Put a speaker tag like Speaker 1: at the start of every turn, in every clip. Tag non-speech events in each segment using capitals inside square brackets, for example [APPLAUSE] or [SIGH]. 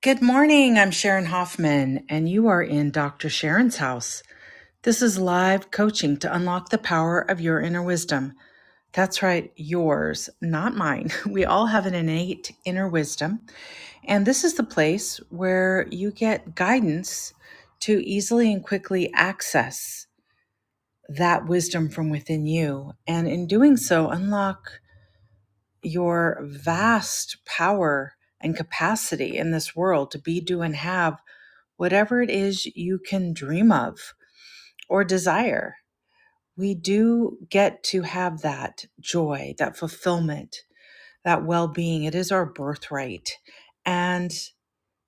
Speaker 1: Good morning. I'm Sharon Hoffman, and you are in Dr. Sharon's house. This is live coaching to unlock the power of your inner wisdom. That's right, yours, not mine. [LAUGHS] We all have an innate inner wisdom, and this is the place where you get guidance to easily and quickly access that wisdom from within you. And in doing so, unlock your vast power and capacity in this world to be, do, and have whatever it is you can dream of or desire. We do get to have that joy, that fulfillment, that well being. It is our birthright. And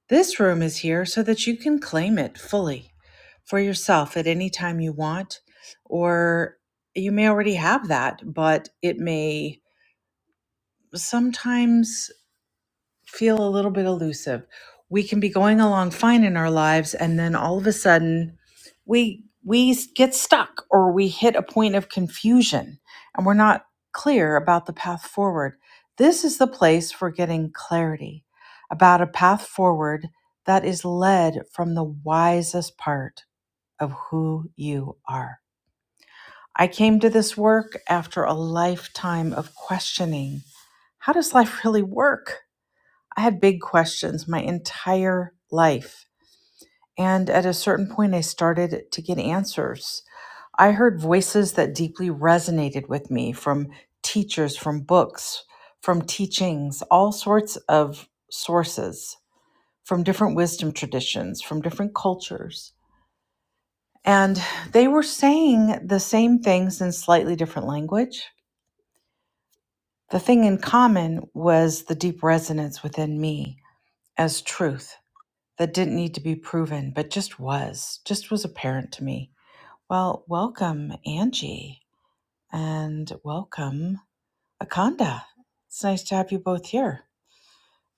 Speaker 1: this room is here so that you can claim it fully for yourself at any time you want. Or you may already have that, but it may sometimes feel a little bit elusive. We can be going along fine in our lives and then all of a sudden we we get stuck or we hit a point of confusion and we're not clear about the path forward. This is the place for getting clarity about a path forward that is led from the wisest part of who you are. I came to this work after a lifetime of questioning. How does life really work? I had big questions my entire life. And at a certain point, I started to get answers. I heard voices that deeply resonated with me from teachers, from books, from teachings, all sorts of sources, from different wisdom traditions, from different cultures. And they were saying the same things in slightly different language. The thing in common was the deep resonance within me as truth that didn't need to be proven, but just was, just was apparent to me. Well, welcome, Angie, and welcome, Akanda. It's nice to have you both here.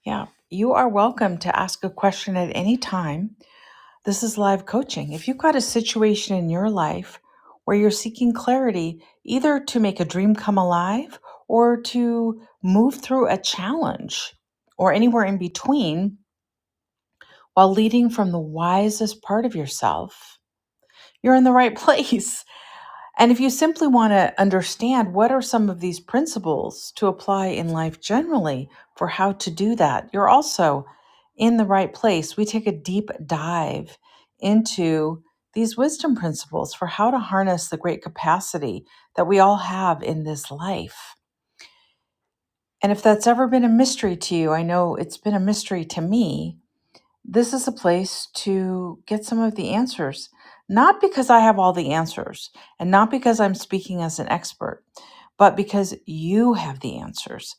Speaker 1: Yeah, you are welcome to ask a question at any time. This is live coaching. If you've got a situation in your life where you're seeking clarity, either to make a dream come alive or to move through a challenge or anywhere in between while leading from the wisest part of yourself, you're in the right [LAUGHS] place. And if you simply want to understand what are some of these principles to apply in life generally for how to do that, you're also in the right place. We take a deep dive into these wisdom principles for how to harness the great capacity that we all have in this life. And if that's ever been a mystery to you, I know it's been a mystery to me this is a place to get some of the answers. Not because I have all the answers and not because I'm speaking as an expert, but because you have the answers.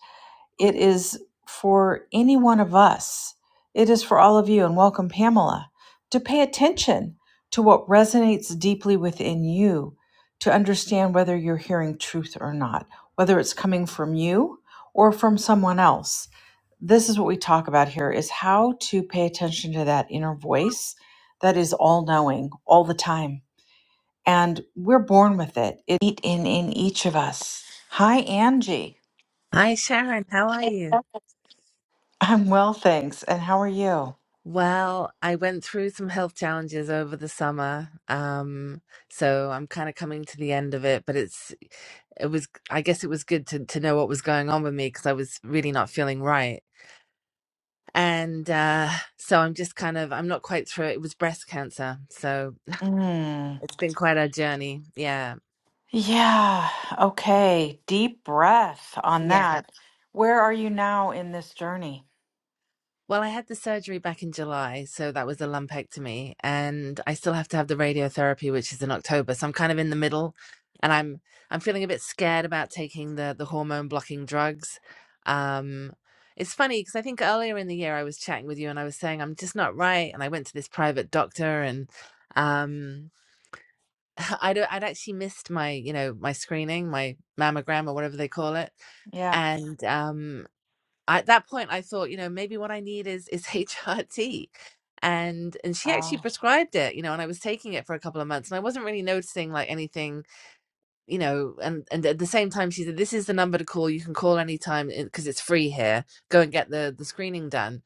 Speaker 1: It is for any one of us, it is for all of you. And welcome, Pamela, to pay attention to what resonates deeply within you to understand whether you're hearing truth or not, whether it's coming from you or from someone else this is what we talk about here is how to pay attention to that inner voice that is all knowing all the time and we're born with it it in in each of us hi angie
Speaker 2: Hi, Sharon. How are you?
Speaker 1: i'm well thanks and how are you
Speaker 2: Well, I went through some health challenges over the summer. Um, so I'm kind of coming to the end of it, but it's it was I guess it was good to to know what was going on with me because I was really not feeling right. And uh so I'm just kind of I'm not quite through it. It was breast cancer. So
Speaker 1: mm,
Speaker 2: it's been quite a journey. Yeah.
Speaker 1: yeah okay deep breath on
Speaker 2: Yeah.
Speaker 1: that where are you now in this journey
Speaker 2: Well, I had the surgery back in July, so that was a lumpectomy, and I still have to have the radiotherapy, which is in October. So I'm kind of in the middle, and I'm I'm feeling a bit scared about taking the the hormone blocking drugs. Um, it's funny because I think earlier in the year I was chatting with you, and I was saying I'm just not right, and I went to this private doctor, and um, [LAUGHS] I'd I'd actually missed my you know my screening, my mammogram or whatever they call it,
Speaker 1: yeah
Speaker 2: and um, at that point I thought, you know, maybe what I need is is [LAUGHS] HRT. And and she actually
Speaker 1: oh
Speaker 2: prescribed it, you know, and I was taking it for a couple of months and I wasn't really noticing like anything you know and and at the same time she said this is the number to call you can call anytime because it's free here go and get the the screening done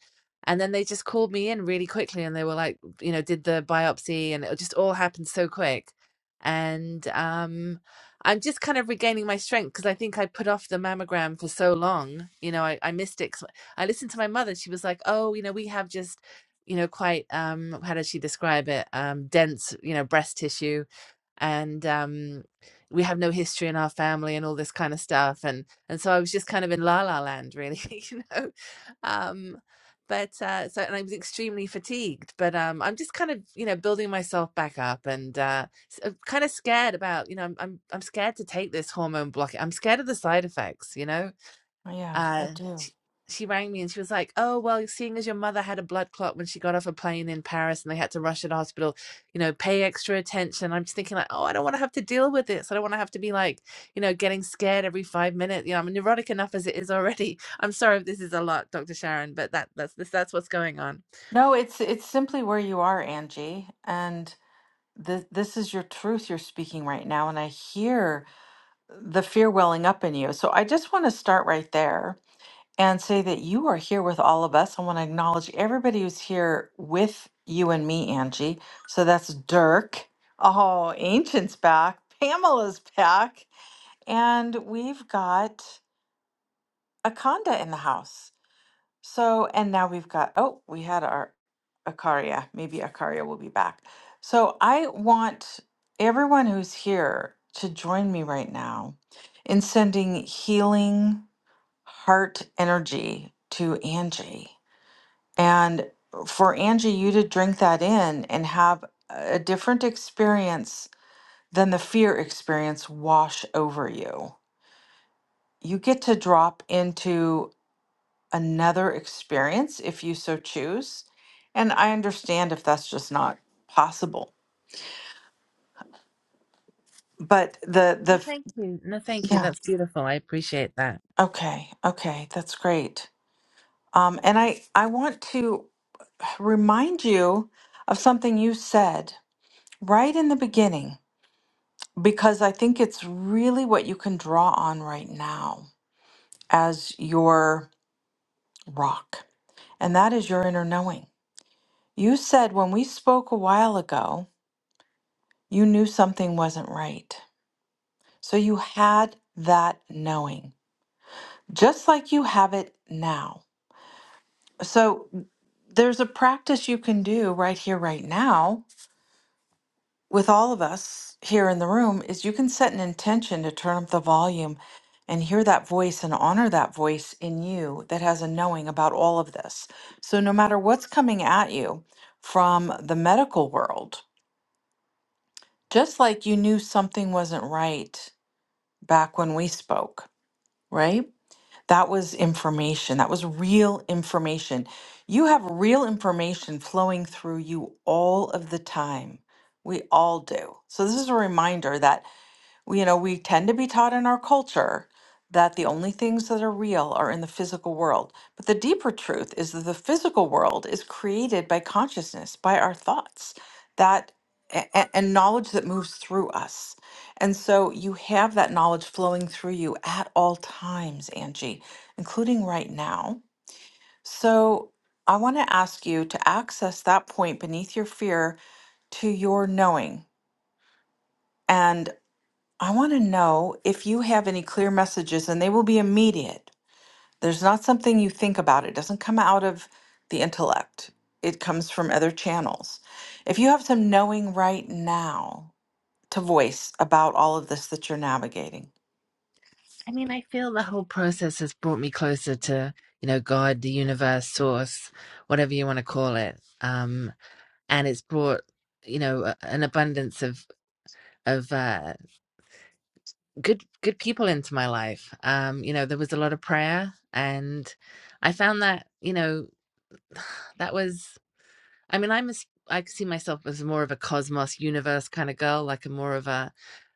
Speaker 2: and then they just called me in really quickly and they were like you know did the biopsy and it just all happened so quick and um i'm just kind of regaining my strength because i think i put off the mammogram for so long you know i, I missed it 'cause i listened to my mother she was like oh you know we have just you know quite um how does she describe it um dense you know breast tissue and um we have no history in our family and all this kind of stuff and and so i was just kind of in la la land really [LAUGHS] you know um but uh so and i was extremely fatigued but um i'm just kind of you know building myself back up and uh s- uh, kind of scared about you know i'm i'm, I'm scared to take this hormone block i'm scared of the side effects you know
Speaker 1: yeah i
Speaker 2: uh
Speaker 1: do
Speaker 2: she, she rang me and she was like oh well seeing as your mother had a blood clot when she got off a plane in paris and they had to rush her to hospital you know pay extra attention i'm just thinking like oh i don't want to have to deal with this i don't want to have to be like you know getting scared every five minutes you know i'm neurotic enough as it is already [LAUGHS] i'm sorry if this is a lot dr sharon but that that's this that's what's going on
Speaker 1: no it's it's simply where you are angie and. this this is your truth you're speaking right now and i hear the fear welling up in you so i just want to start right there and say that you are here with all of us i want to acknowledge everybody who's here with you and me angie so that's dirk oh ancient's back pamela's back and we've got akanda in the house so, and now we've got, oh, we had our Acaria. Maybe Acaria will be back. So, I want everyone who's here to join me right now in sending healing heart energy to Angie. And for Angie, you to drink that in and have a different experience than the fear experience wash over you. You get to drop into another experience if you so choose. And I understand if that's just not possible. But the the
Speaker 2: no,
Speaker 1: f-
Speaker 2: thank you no thank you
Speaker 1: yeah,
Speaker 2: that's beautiful i appreciate that
Speaker 1: okay. Okay, that's great. Um and I I want to remind you of something you said right in the beginning because I think it's really what you can draw on right now as your rock. And that is your inner knowing. You said when we spoke a while ago, you knew something wasn't right. So you had that knowing, just like you have it now. So there's a practice you can do right here, right now, with all of us here in the room is you can set an intention to turn up the volume and hear that voice and honor that voice in you that has a knowing about all of this. So no matter what's coming at you from the medical world, just like you knew something wasn't right back when we spoke, right? That was information. That was real information. You have real information flowing through you all of the time. We all do. So, this is a reminder that well, you know, we tend to be taught in our culture that the only things that are real are in the physical world. But the deeper truth is that the physical world is created by consciousness, by our thoughts, that a- a- and knowledge that moves through us. And so you have that knowledge flowing through you at all times, Angie, including right now. So I want to ask you to access that point beneath your fear to your knowing. and. I want to know if you have any clear messages, and they will be immediate. There's not something you think about, it doesn't come out of the intellect, it comes from other channels. If you have some knowing right now to voice about all of this that you're navigating,
Speaker 2: i mean i feel the whole process has brought me closer to you know god the universe source whatever you want to call it um and it's brought you know an abundance of of uh, good good people into my life. Um, you know, there was a lot of prayer, and I found that you know [SIGHS] that was. I mean, I'm a, s- I see myself as more of a cosmos universe kind of girl, like a more of a.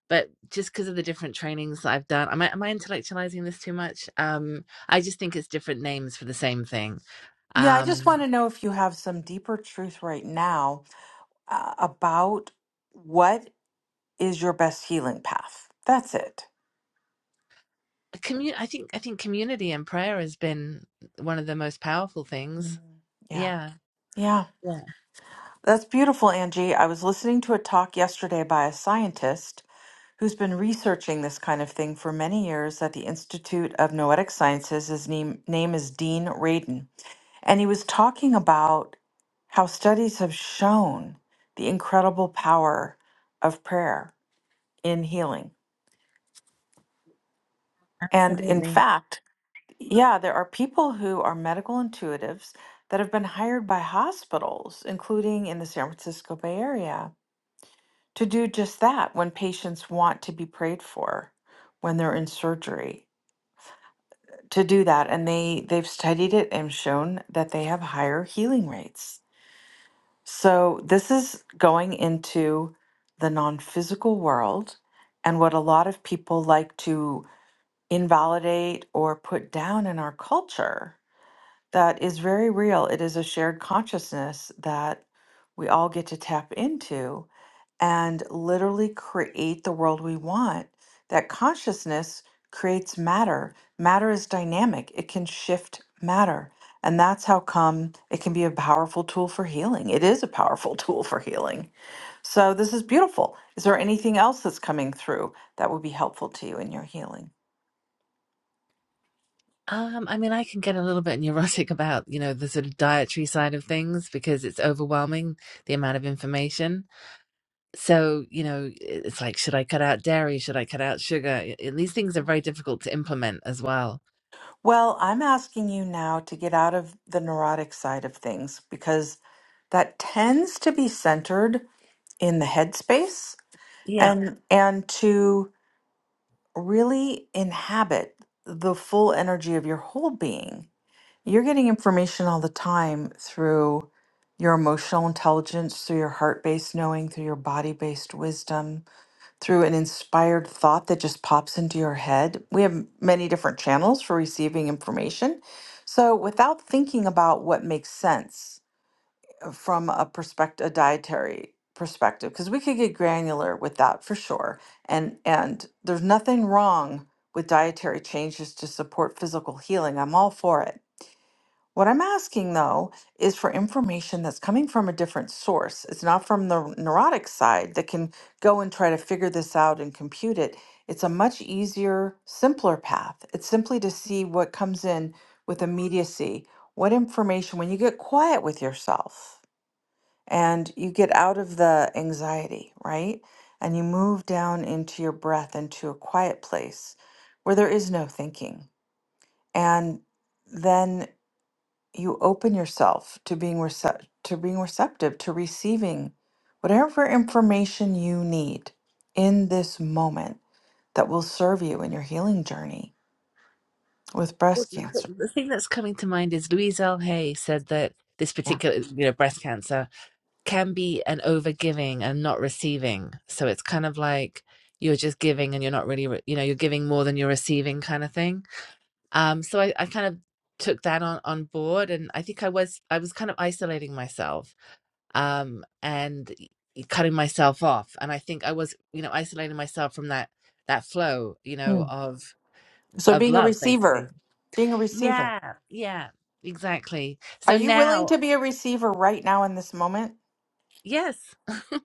Speaker 2: But just because of the different trainings I've done, am I am I intellectualizing this too much? Um, I just think it's different names for the same thing.
Speaker 1: yeah, I just
Speaker 2: Um,
Speaker 1: want to know if you have some deeper truth right now uh, about what is your best healing path. That's it.
Speaker 2: commu- I think I think community and prayer has been one of the most powerful things
Speaker 1: Mhm. Yeah.
Speaker 2: Yeah.
Speaker 1: Yeah.
Speaker 2: Yeah,
Speaker 1: That's beautiful, Angie. I was listening to a talk yesterday by a scientist who's been researching this kind of thing for many years at the Institute of Noetic Sciences. His name, name is Dean Radin. And he was talking about how studies have shown the incredible power of prayer in healing. And in
Speaker 2: absolutely.
Speaker 1: fact, yeah, there are people who are medical intuitives that have been hired by hospitals, including in the San Francisco Bay Area, to do just that when patients want to be prayed for when they're in surgery. to do that and they they've studied it and shown that they have higher healing rates so this is going into the non-physical world and what a lot of people like to invalidate or put down in our culture that is very real it is a shared consciousness that we all get to tap into and literally create the world we want. That consciousness creates matter. Matter is dynamic, it can shift matter. And that's how come it can be a powerful tool for healing. It is a powerful [LAUGHS] tool for healing. So, this is beautiful. Is there anything else that's coming through that would be helpful to you in your healing?
Speaker 2: Um, I mean, I can get a little bit neurotic [LAUGHS] about, you know, the sort of dietary side of things because it's overwhelming the amount of information. So, you know, i- it's like, should I cut out dairy? Should I cut out sugar? I- And these things are very difficult to implement as well.
Speaker 1: Well, I'm asking you now to get out of the neurotic side of things because that tends to be centered in the headspace
Speaker 2: Yeah.
Speaker 1: and and to really inhabit the full energy of your whole being. You're getting information all the time through your emotional intelligence, through your heart based knowing, through your body based wisdom, through an inspired thought that just pops into your head. We have many different channels for receiving information. So, without thinking about what makes sense, from a perspective, a dietary perspective, because we could get granular with that for sure. And and there's nothing wrong with dietary changes to support physical healing. I'm all for it. What I'm asking though is for information that's coming from a different source. It's not from the neurotic side that can go and try to figure this out and compute it. It's a much easier, simpler path. It's simply to see what comes in with immediacy. What information, when you get quiet with yourself, and you get out of the anxiety, right? And you move down into your breath, into a quiet place where there is no thinking. And then you open yourself to being recep to being receptive to receiving whatever information you need in this moment that will serve you in your healing journey with
Speaker 2: Well,
Speaker 1: breast
Speaker 2: the,
Speaker 1: cancer.
Speaker 2: the thing that's coming to mind is Louise L. Hay said that this
Speaker 1: Yeah.
Speaker 2: particular, you know, breast cancer. can be an overgiving and not receiving. So it's kind of like you're just giving and you're not really, you know, you're giving more than you're receiving kind of thing. Um, so I, I kind of took that on, on board and I think I was, I was kind of isolating myself um, and cutting myself off. And I think I was, you know, isolating myself from that, that flow, you know,
Speaker 1: Mm.
Speaker 2: of,
Speaker 1: So
Speaker 2: of
Speaker 1: being a
Speaker 2: love
Speaker 1: receiver,
Speaker 2: basically.
Speaker 1: being a receiver.
Speaker 2: Yeah. Yeah, exactly.
Speaker 1: Are
Speaker 2: So
Speaker 1: you willing to
Speaker 2: now,
Speaker 1: be a receiver right now in this moment?
Speaker 2: yes,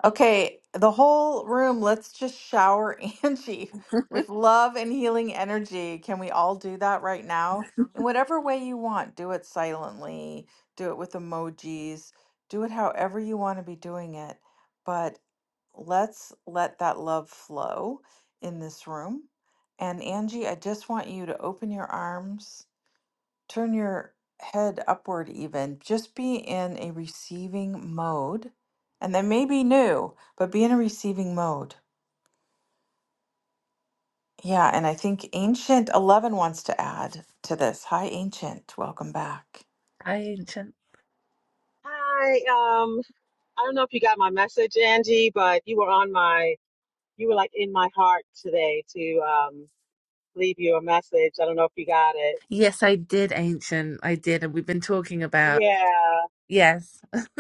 Speaker 1: Okay, the whole room, let's just shower [LAUGHS] Angie with love and healing energy. Can we all do that right now? In whatever way you want, do it silently, do it with emojis, do it however you want to be doing it. But let's let that love flow in this room. And Angie, I just want you to open your arms turn your head upward even just be in a receiving mode and that may be new but be in a receiving mode yeah and i think ancient 11 wants to add to this hi ancient welcome back
Speaker 2: I,
Speaker 3: Hi, um, I don't know if you got my message, Angie, but you were on my, you were like in my heart today to um leave you a message. I don't know if you got it.
Speaker 2: Yes, I did, Ancient. I did. And we've been talking about,
Speaker 3: Yeah,
Speaker 2: yes. [LAUGHS]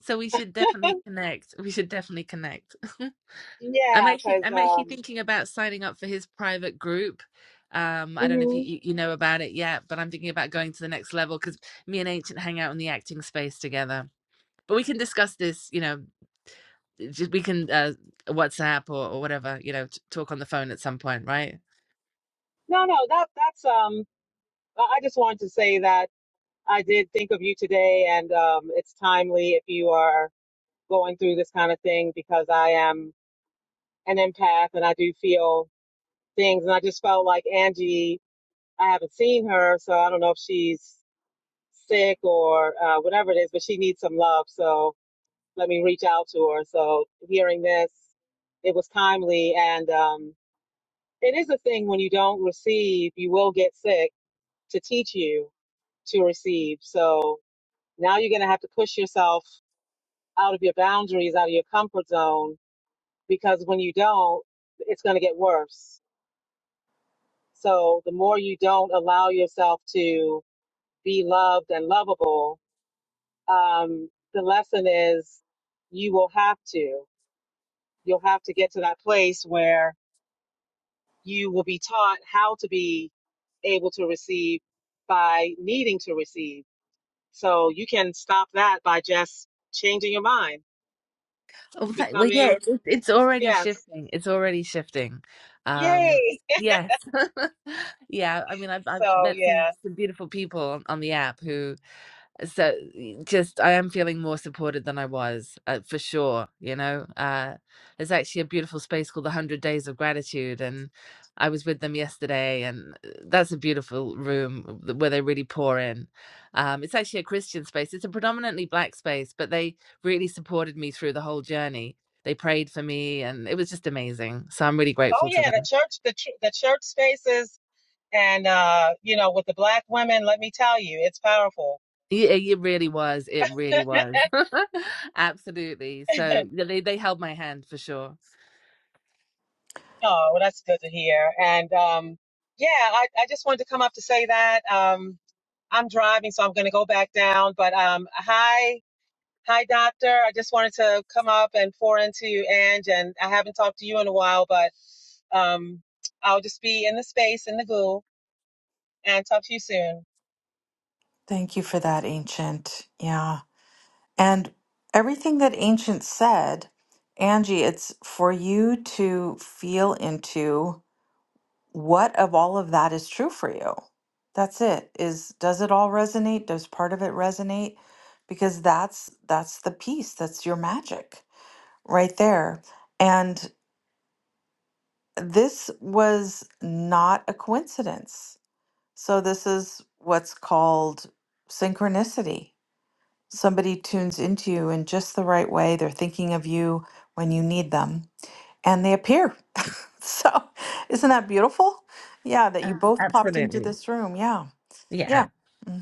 Speaker 2: So we should definitely connect. We should definitely connect. [LAUGHS] I'm
Speaker 3: yeah,
Speaker 2: actually
Speaker 3: because
Speaker 2: I'm actually
Speaker 3: um,
Speaker 2: thinking about signing up for his private group. Um, I don't know if you,
Speaker 3: mhm.
Speaker 2: you you know about it yet, but I'm thinking about going to the next level because me and Ancient hang out in the acting space together. But we can discuss this, you know, just we can uh, WhatsApp or, or whatever, you know, t- talk on the phone at some point, right?
Speaker 3: No, no, that that's um, I I just wanted to say that I did think of you today, and um, it's timely if you are going through this kind of thing because I am an empath and I do feel things, and I just felt like Angie. I haven't seen her, so I don't know if she's sick or uh, whatever it is, but she needs some love. So let me reach out to her. So hearing this, it was timely. And um, it is a thing when you don't receive, you will get sick to teach you to receive. So now you're going to have to push yourself out of your boundaries, out of your comfort zone, because when you don't, it's going to get worse. So the more you don't allow yourself to be loved and lovable, um, the lesson is you will have to you'll have to get to that place where you will be taught how to be able to receive by needing to receive so you can stop that by just changing your mind
Speaker 2: Oh, tha- well, yeah,
Speaker 3: becoming
Speaker 2: it's, it's already
Speaker 3: yes
Speaker 2: shifting. It's already shifting. Um,
Speaker 3: yay
Speaker 2: yes. [LAUGHS] Yeah, I mean, I've I've
Speaker 3: so
Speaker 2: met some,
Speaker 3: yeah
Speaker 2: some beautiful people on, on the app who so just i am feeling more supported than i was uh, for sure you know uh there's actually a beautiful space called the 100 days of gratitude and i was with them yesterday and uh, that's a beautiful room where they really pour in um it's actually a christian space it's a predominantly black space but they really supported me through the whole journey they prayed for me and it was just amazing so i'm really
Speaker 3: oh
Speaker 2: grateful
Speaker 3: yeah
Speaker 2: to
Speaker 3: the
Speaker 2: them
Speaker 3: church the, tr- the church spaces and uh you know with the black women let me tell you it's powerful
Speaker 2: yeah, it really was. It really
Speaker 3: [LAUGHS]
Speaker 2: was. [LAUGHS] Absolutely. So yeah, they, they held my hand for sure.
Speaker 3: Oh, well, that's good to hear. And um, yeah, I, I just wanted to come up to say that um, I'm driving, so I'm going to go back down. But um, hi, hi, doctor. I just wanted to come up and pour into you, Ange, and I haven't talked to you in a while, but um, I'll just be in the space in the goo and talk to you soon.
Speaker 1: thank you for that ancient yeah and everything that ancient said angie it's for you to feel into what of all of that is true for you that's it is does it all resonate does part of it resonate because that's that's the piece that's your magic right there and this was not a coincidence so this is what's called synchronicity somebody tunes into you in just the right way they're thinking of you when you need them and they appear [LAUGHS] so isn't that beautiful yeah that you
Speaker 2: Ab-
Speaker 1: both popped into
Speaker 2: Absolutely.
Speaker 1: this room yeah Yeah.
Speaker 2: Yeah.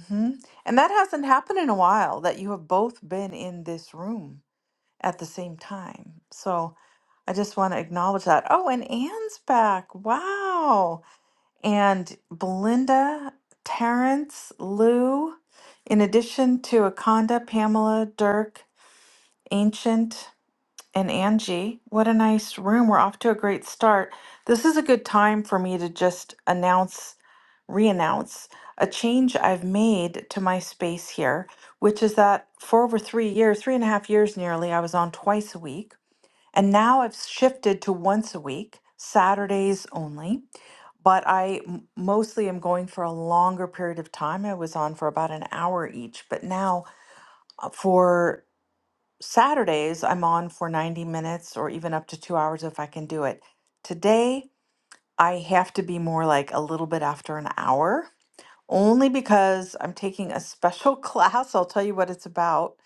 Speaker 1: hmm And that hasn't happened in a while that you have both been in this room at the same time. So I just want to acknowledge that. Oh, and Anne's back. Wow. And Belinda, Terrence, Lou, in addition to Akonda, Pamela, Dirk, Ancient and Angie. What a nice room. We're off to a great start. This is a good time for me to just announce, re announce a change I've made to my space here, which is that for over three years, three and a half years nearly, I was on twice a week. And now I've shifted to once a week, Saturdays only. But I m- mostly am going for a longer period of time. I was on for about an hour each, but now uh, for Saturdays, I'm on for 90 minutes or even up to two hours if I can do it. Today, I have to be more like a little bit after an hour, only because I'm taking a special [LAUGHS] class. I'll tell you what it's about,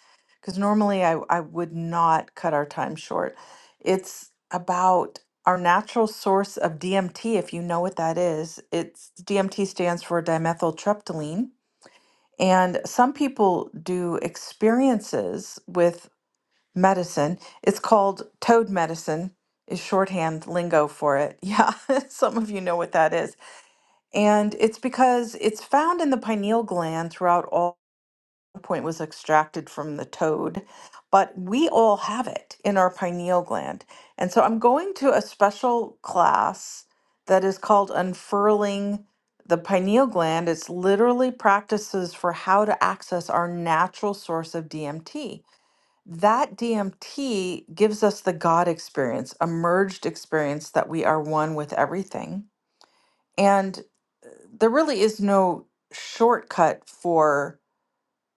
Speaker 1: because normally I, I would not cut our time short. It's about our natural source of DMT, if you know what that is. It's DMT stands for dimethyltryptamine. And some people do experiences with medicine. It's called toad medicine, is shorthand lingo for it. Yeah, [LAUGHS] some of you know what that is. And it's because it's found in the pineal gland throughout all point was extracted from the toad, but we all have it in our pineal gland. And so I'm going to a special class that is called unfurling the pineal gland. It's literally practices for how to access our natural source of DMT that DMT gives us the God experience, a merged experience that we are one with everything. And uh, there really is no shortcut for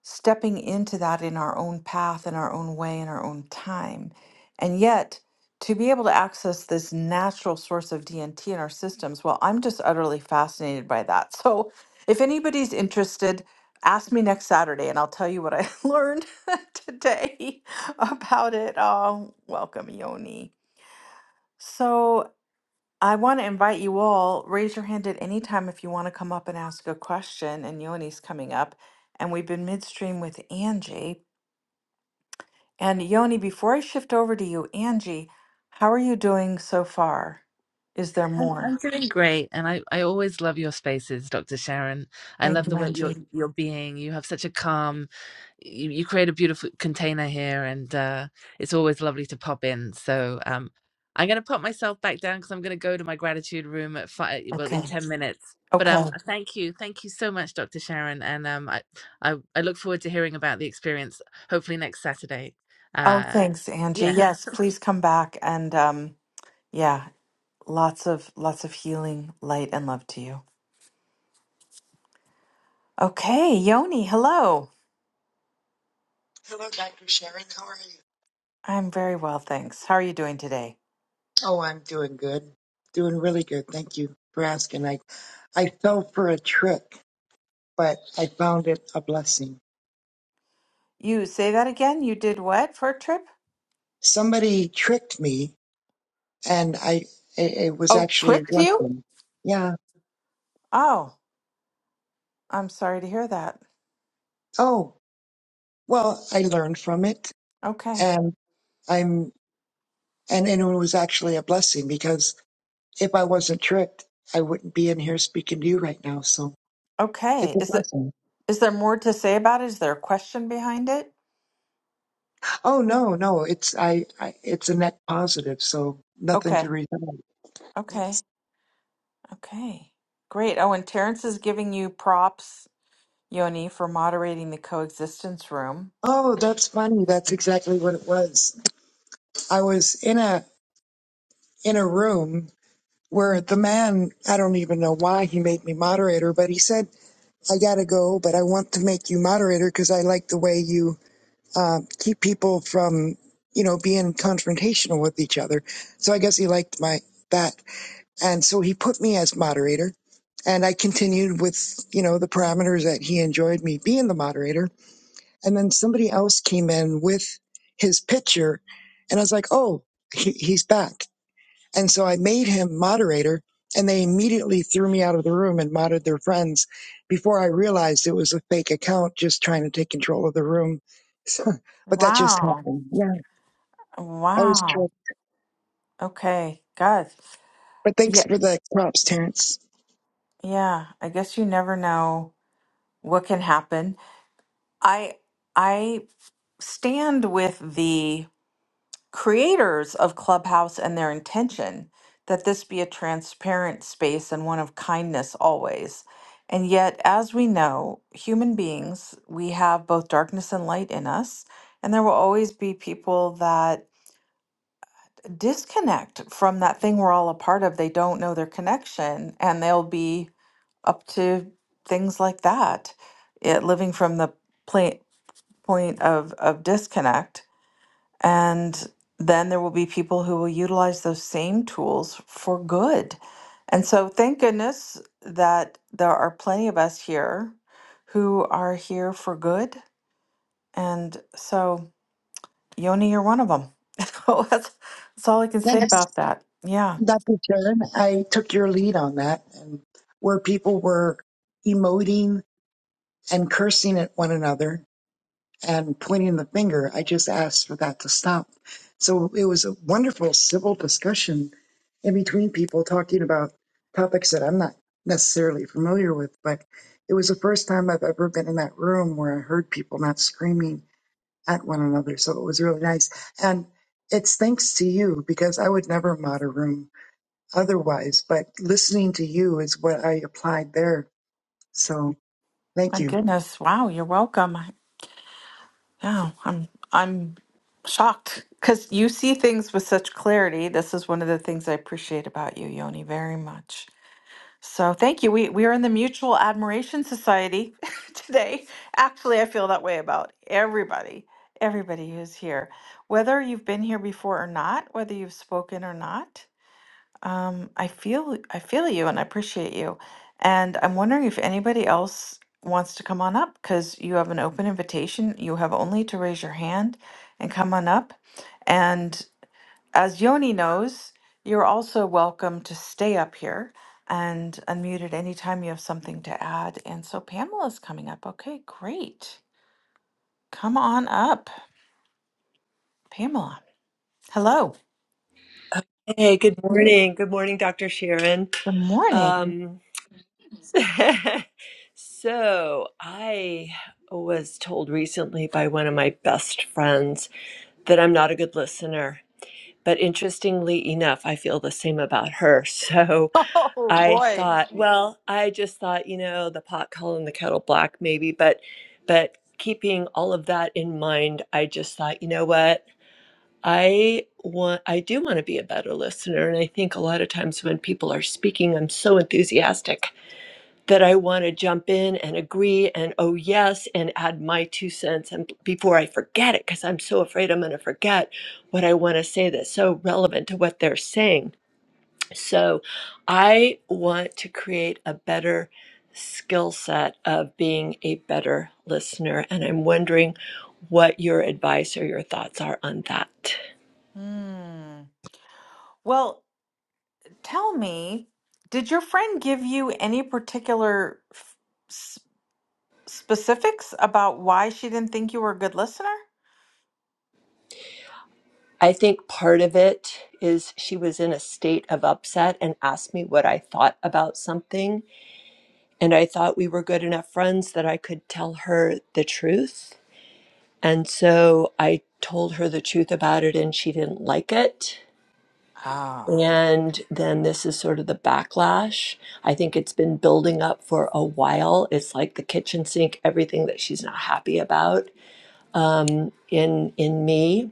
Speaker 1: stepping into that in our own path, in our own way, in our own time. And yet, to be able to access this natural source of DNT in our systems, well, I'm just utterly fascinated by that. [LAUGHS] So, if anybody's interested, ask me next Saturday and I'll tell you what I [LAUGHS] learned [LAUGHS] today about it. Um, welcome, Yoni. So, I want to invite you all, raise your hand at any time if you want to come up and ask a question. And Yoni's coming up. And we've been midstream with Angie. And Yoni, before I shift over to you, Angie, how are you doing so far? Is there
Speaker 2: I'm,
Speaker 1: more?
Speaker 2: I'm doing great. And I, I always love your spaces, Dr. Sharon. I
Speaker 1: Thank
Speaker 2: love
Speaker 1: you,
Speaker 2: the way you're,
Speaker 1: Angie.
Speaker 2: you're being. You have such a calm, you, you create a beautiful container here, and uh, it's always lovely to pop in. So um, I'm going to pop myself back down because I'm going to go to my gratitude room at five, well, in
Speaker 1: Okay.
Speaker 2: 10 minutes. But um,
Speaker 1: Okay.
Speaker 2: thank you. Thank you so much, Dr. Sharon. And um, I, I, I look forward to hearing about the experience, hopefully next Saturday.
Speaker 1: Oh,
Speaker 2: Uh,
Speaker 1: thanks,
Speaker 2: yeah.
Speaker 1: Angie. Yes, please come back. And um, yeah, lots of lots of healing, light, and love to you. Okay, Yoni, hello.
Speaker 4: Hello, Dr. Sharon. How are you?
Speaker 1: I'm very well, thanks. How are you doing today?
Speaker 4: Oh, I'm doing good. Doing really good. Thank you for asking. I, I fell for a trick, but I found it a blessing.
Speaker 1: You say that again? You did what for a trip?
Speaker 4: Somebody tricked me, and I it, it was
Speaker 1: Oh,
Speaker 4: actually a
Speaker 1: tricked you?
Speaker 4: blessing. Yeah.
Speaker 1: Oh, I'm sorry to hear that.
Speaker 4: Oh, well, I learned from it,
Speaker 1: Okay.
Speaker 4: and I'm and, and it was actually a blessing because if I wasn't tricked, I wouldn't be in here speaking to you right now. So it's
Speaker 1: Okay.
Speaker 4: a
Speaker 1: Is it
Speaker 4: blessing.
Speaker 1: is there more to say about it? Is there a question behind it?
Speaker 4: Oh no, no, it's I, I it's a net positive, so nothing to
Speaker 1: Okay.
Speaker 4: read.
Speaker 1: Okay.
Speaker 4: out.
Speaker 1: Okay. Great. Oh, and Terrence is giving you props, Yoni, for moderating the coexistence room.
Speaker 4: Oh, that's funny. That's exactly what it was. I was in a in a room where the man, I don't even know why he made me moderator, but he said, "I gotta go, but I want to make you moderator because I like the way you uh, keep people from, you know, being confrontational with each other." So I guess he liked my that. And so he put me as moderator and I continued with, you know, the parameters that he enjoyed me being the moderator. And then somebody else came in with his picture and I was like, oh, he, he's back. And so I made him moderator and they immediately threw me out of the room and modded their friends before I realized it was a fake account just trying to take control of the room. [LAUGHS] So, but that just
Speaker 1: Wow.
Speaker 4: happened. Yeah. I was,
Speaker 1: Wow.
Speaker 4: tricked.
Speaker 1: Okay. God.
Speaker 4: but thanks
Speaker 1: Yeah.
Speaker 4: for the props, Terrence.
Speaker 1: Yeah. I guess you never know what can happen. I I stand with the creators of Clubhouse and their intention that this be a transparent space and one of kindness always. And yet, as we know, human beings, we have both darkness and light in us. And there will always be people that disconnect from that thing we're all a part of. They don't know their connection and they'll be up to things like that, it, living from the pla- point of, of disconnect. And then there will be people who will utilize those same tools for good. And so, thank goodness that there are plenty of us here who are here for good. And so, Yoni, you're one of them. [LAUGHS] So that's, that's all I can say
Speaker 4: Thanks.
Speaker 1: about that. Yeah.
Speaker 4: Dr. Sharon, I took your lead on that, and where people were emoting and cursing at one another and pointing the finger, I just asked for that to stop. So it was a wonderful civil discussion in between people talking about topics that I'm not necessarily familiar with, but it was the first time I've ever been in that room where I heard people not screaming at one another. So it was really nice. And it's thanks to you because I would never mod a room otherwise, but listening to you is what I applied there. So thank
Speaker 1: My
Speaker 4: you.
Speaker 1: goodness. Wow. You're welcome. I- Yeah. I'm, I'm shocked because you see things with such clarity. This is one of the things I appreciate about you, Yoni, very much. So thank you. We we are in the Mutual Admiration Society [LAUGHS] today. Actually, I feel that way about everybody, everybody who's here, whether you've been here before or not, whether you've spoken or not. Um, I feel I feel you and I appreciate you. And I'm wondering if anybody else wants to come on up because you have an open invitation. You have only to raise your hand and come on up. As Yoni knows, you're also welcome to stay up here and unmute at any time you have something to add. And so Pamela's coming up. Okay, great. Come on up, Pamela. Hello.
Speaker 5: Hey, good morning. Good morning, Dr. Sharon.
Speaker 1: Good morning. [LAUGHS]
Speaker 5: Um, [LAUGHS] so, I was told recently by one of my best friends that I'm not a good listener. But interestingly enough, I feel the same about her. [LAUGHS] So
Speaker 1: Oh
Speaker 5: I
Speaker 1: boy.
Speaker 5: thought, well, I just thought, you know, the pot calling the kettle black, maybe. But, but keeping all of that in mind, I just thought, you know what? I want I do want to be a better listener and I think a lot of times when people are speaking I'm so enthusiastic that I want to jump in and agree and oh yes and add my two cents and before I forget it cuz I'm so afraid I'm going to forget what I want to say that's so relevant to what they're saying. So I want to create a better skill set of being a better listener and I'm wondering what your advice or your thoughts are on that.
Speaker 1: Hmm. Well, tell me, did your friend give you any particular f- s- specifics about why she didn't think you were a good listener?
Speaker 5: I think part of it is she was in a state of upset and asked me what I thought about something. And I thought we were good enough friends that I could tell her the truth. And so I told her the truth about it and she didn't like it.
Speaker 1: Ah,
Speaker 5: And then this is sort of the backlash. I think it's been building up for a while. It's like the kitchen sink, everything that she's not happy about um, in in me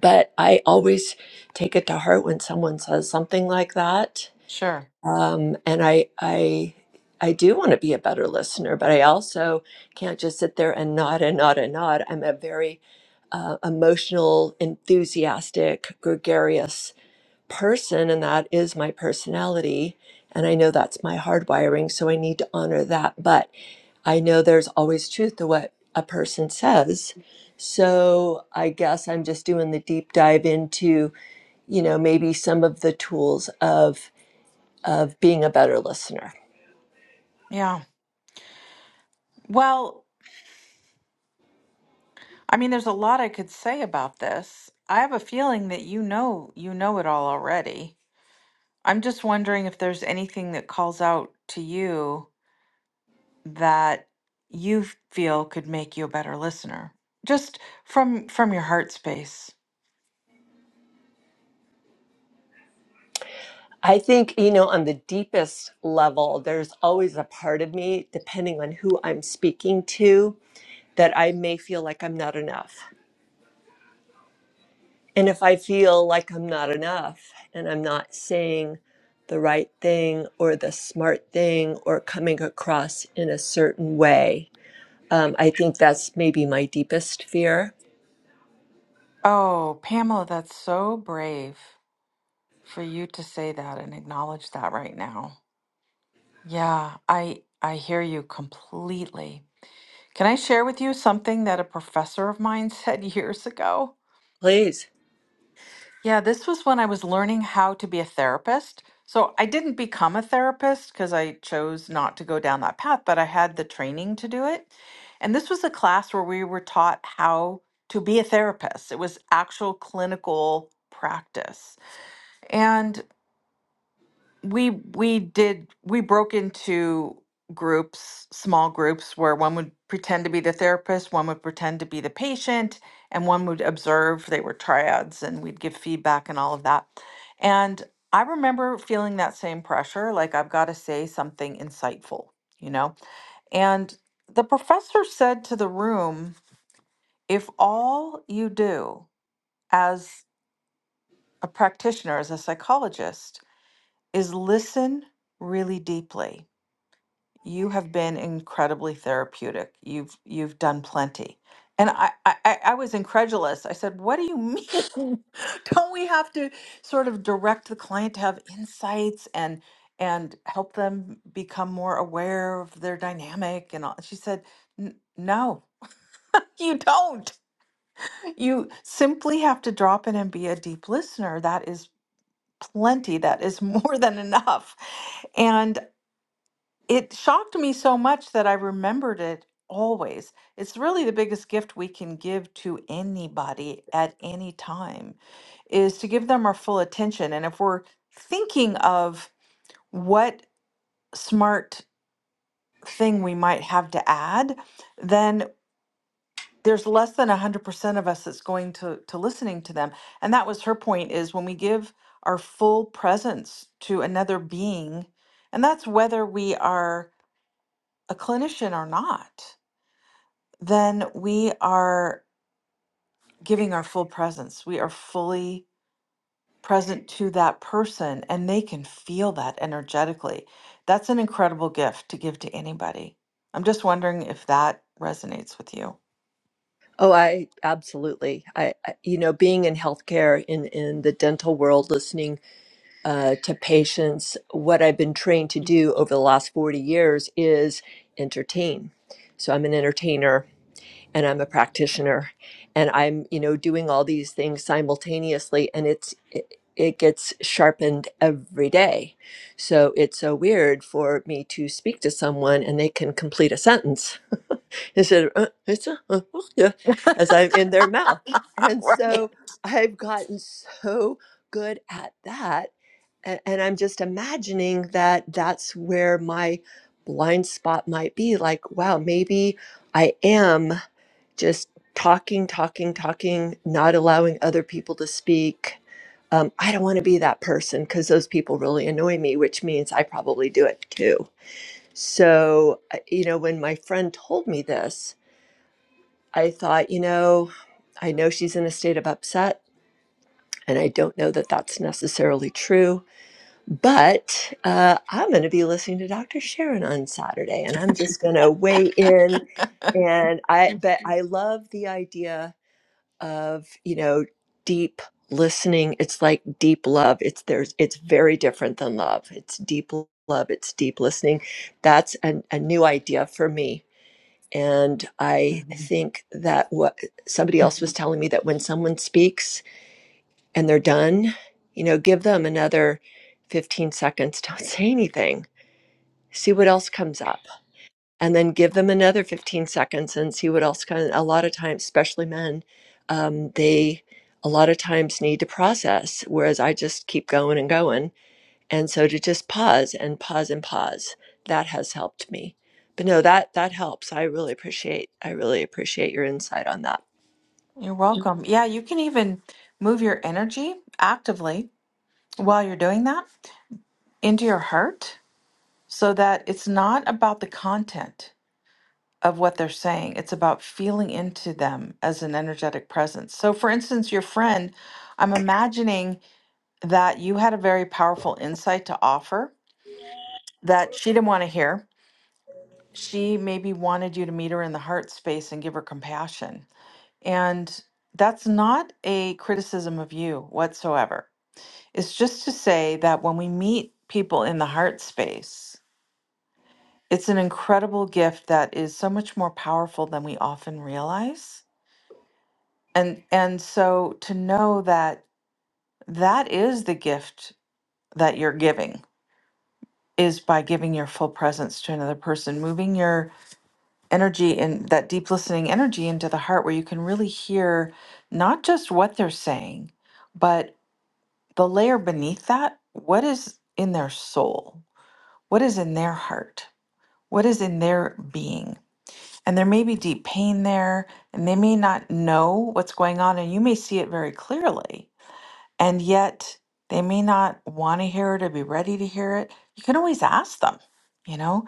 Speaker 5: but I always take it to heart when someone says something like that.
Speaker 1: sure.
Speaker 5: Um, and I, I, I do want to be a better listener, but I also can't just sit there and nod and nod and nod. I'm a very uh, emotional, enthusiastic, gregarious person, and that is my personality. And I know that's my hardwiring, so I need to honor that. But. I know there's always truth to what a person says. So I guess I'm just doing the deep dive into, you know, maybe some of the tools of of being a better listener.
Speaker 1: Yeah. Well, I mean, there's a lot I could say about this. I have a feeling that you know you know it all already. I'm just wondering if there's anything that calls out to you that you feel could make you a better listener. Just from from your heart space.
Speaker 5: I think, you know, on the deepest level, there's always a part of me, depending on who I'm speaking to, that I may feel like I'm not enough. And if I feel like I'm not enough and I'm not saying the right thing or the smart thing or coming across in a certain way, um, I think that's maybe my deepest fear.
Speaker 1: Oh, Pamela, that's so brave for you to say that and acknowledge that right now. Yeah, I I hear you completely. Can I share with you something that a professor of mine [LAUGHS] said years ago?
Speaker 5: Please.
Speaker 1: Yeah, this was when I was learning how to be a therapist. So I didn't become a therapist because I chose not to go down that path, but I had the training to do it. And this was a class where we were taught how to be a therapist, it was actual clinical practice. and we we did we broke into groups small groups where one would pretend to be the therapist one would pretend to be the patient and one would observe they were triads and we'd give feedback and all of that and i remember feeling that same pressure like i've got to say something insightful you know and the professor said to the room if all you do as a practitioner as a psychologist is listen really deeply you have been incredibly therapeutic. You've you've done plenty. And I, I, I I was incredulous. I said, What do you mean? [LAUGHS] Don't we have to sort of direct the client to have insights and and help them become more aware of their dynamic and all? She said, "N- No, [LAUGHS] you don't. You simply have to drop in and be a deep listener. That is plenty. That is [LAUGHS] more than enough. And it shocked me so much that I remembered it always. It's really the biggest gift we can give to anybody at any time is to give them our full attention. And if we're thinking of what smart thing we might have to add, then there's less than 100% of us that's going to to listening to them. And that was her point is when we give our full presence to another being, and that's whether we are a clinician or not then we are giving our full presence. We are fully present to that person and they can feel that energetically. That's an incredible gift to give to anybody. I'm just wondering if that resonates with you.
Speaker 5: Oh, I absolutely. I, I you know, being in healthcare in in the dental world, listening uh, to patients, what I've been trained to do over the last forty years is entertain. So I'm an entertainer and I'm a practitioner and I'm, you know, doing all these things simultaneously and it's it, it gets sharpened every day. So it's so weird for me to speak to someone and they can complete a sentence instead of uh, it's a, uh, uh, well, yeah," as I'm in their mouth.
Speaker 1: [LAUGHS] All
Speaker 5: And
Speaker 1: right.
Speaker 5: so I've gotten so good at that a- and I'm just imagining that that's where my blind spot might be like wow maybe I am just talking, talking, talking, not allowing other people to speak. Um, I don't want to be that person because those people really annoy me, which means I probably do it too. So, I- you know, when my friend told me this, I thought, you know, I know she's in a state of upset, and I don't know that that's necessarily true. But uh, I'm going to be listening to Dr. Sharon on Saturday, and I'm just going to weigh in. And I, but I love the idea of you know deep listening it's like deep love it's there's it's very different than love it's deep l- love it's deep listening that's an, a new idea for me and i
Speaker 1: Mhm.
Speaker 5: think that what somebody else was telling me that when someone speaks and they're done you know give them another 15 seconds [LAUGHS] don't say anything see what else comes up and then give them another 15 seconds and see what else kind of, a lot of times especially men um, they a lot of times need to process whereas i just keep going and going and so to just pause and pause and pause that has helped me but no that that helps i really appreciate i really appreciate your insight on that
Speaker 1: You're welcome. Yeah, you can even move your energy actively while you're doing that into your heart so that it's not about the content. of what they're saying. It's about feeling into them as an energetic presence. So, for instance, your friend, I'm imagining that you had a very powerful insight to offer that she didn't want to hear. She maybe wanted you to meet her in the heart space and give her compassion. And that's not a criticism of you whatsoever. It's just to say that when we meet people in the heart space, it's an incredible gift that is so much more powerful than we often realize and and so to know that that is the gift that you're giving is by giving your full presence to another person moving your energy and that deep listening energy into the heart where you can really hear not just what they're saying but the layer beneath that what is in their soul what is in their heart what is in their being and there may be deep pain there and they may not know what's going on and you may see it very clearly and yet they may not want to hear it or be ready to hear it. You can always ask them, you know,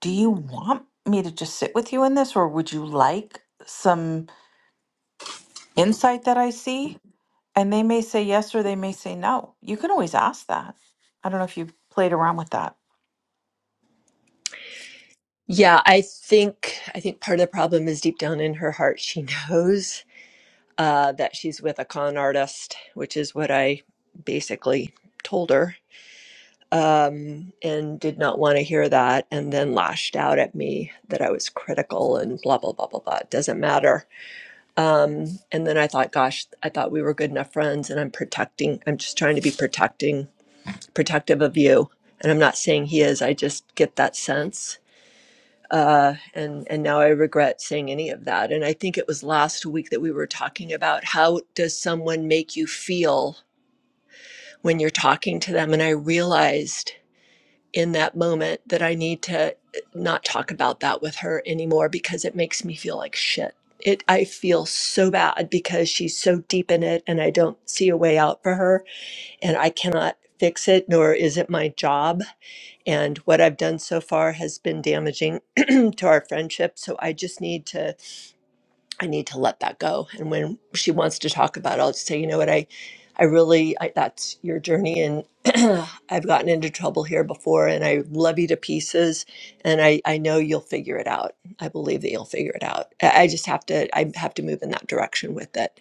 Speaker 1: do you want me to just sit with you in this, or would you like some insight that I see? And they may say yes or they may say no. You can always ask that. I don't know if you have played around with that.
Speaker 5: yeah i think i think part of the problem is deep down in her heart she [LAUGHS] knows uh, that she's with a con artist which is what i basically told her um, and did not want to hear that, and then lashed out at me that I was critical and blah, blah, blah, blah, blah. It doesn't matter. Um, and then I thought, gosh, I thought we were good enough friends, and I'm protecting, I'm just trying to be protecting, protective of you. And I'm not saying he is, I just get that sense. Uh, and and now I regret saying any of that. And I think it was last week that we were talking about how does someone make you feel when you're talking to them. And I realized in that moment that I need to eh, not talk about that with her anymore because it makes me feel like shit. It I feel so bad because she's so deep in it and I don't see a way out for her and I cannot fix it nor is it my job and what I've done so far has been damaging [CLEARS THROAT] to our friendship so I just need to I need to let that go. And when she wants to talk about it, I'll just say, you know what, I, I really, I, that's your journey. And [CLEARS THROAT] I've gotten into trouble here before and I love you to pieces. And I, I know you'll figure it out. I believe that you'll figure it out. I, I just have to, I have to move in that direction with it.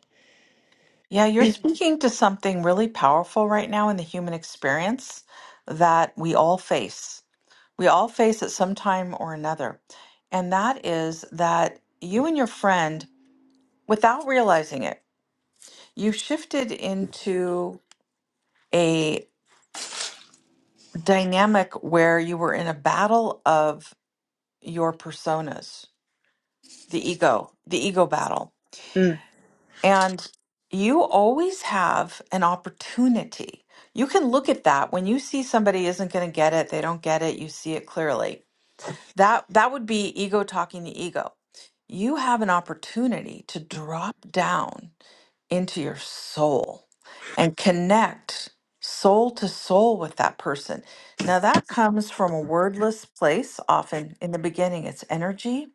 Speaker 1: Yeah, you're speaking to something really powerful right now in the human experience that we all face. We all face at some time or another. And that is that you and your friend without realizing it, you shifted into a dynamic where you were in a battle of your personas, the ego, the ego battle.
Speaker 5: Mm,
Speaker 1: And you always have an opportunity. You can look at that when you see somebody isn't going to get it, they don't get it, you see it clearly. That that would be ego talking to ego. You have an opportunity to drop down into your soul and connect soul to soul with that person. Now, that comes from a wordless place. Often in the beginning, it's energy.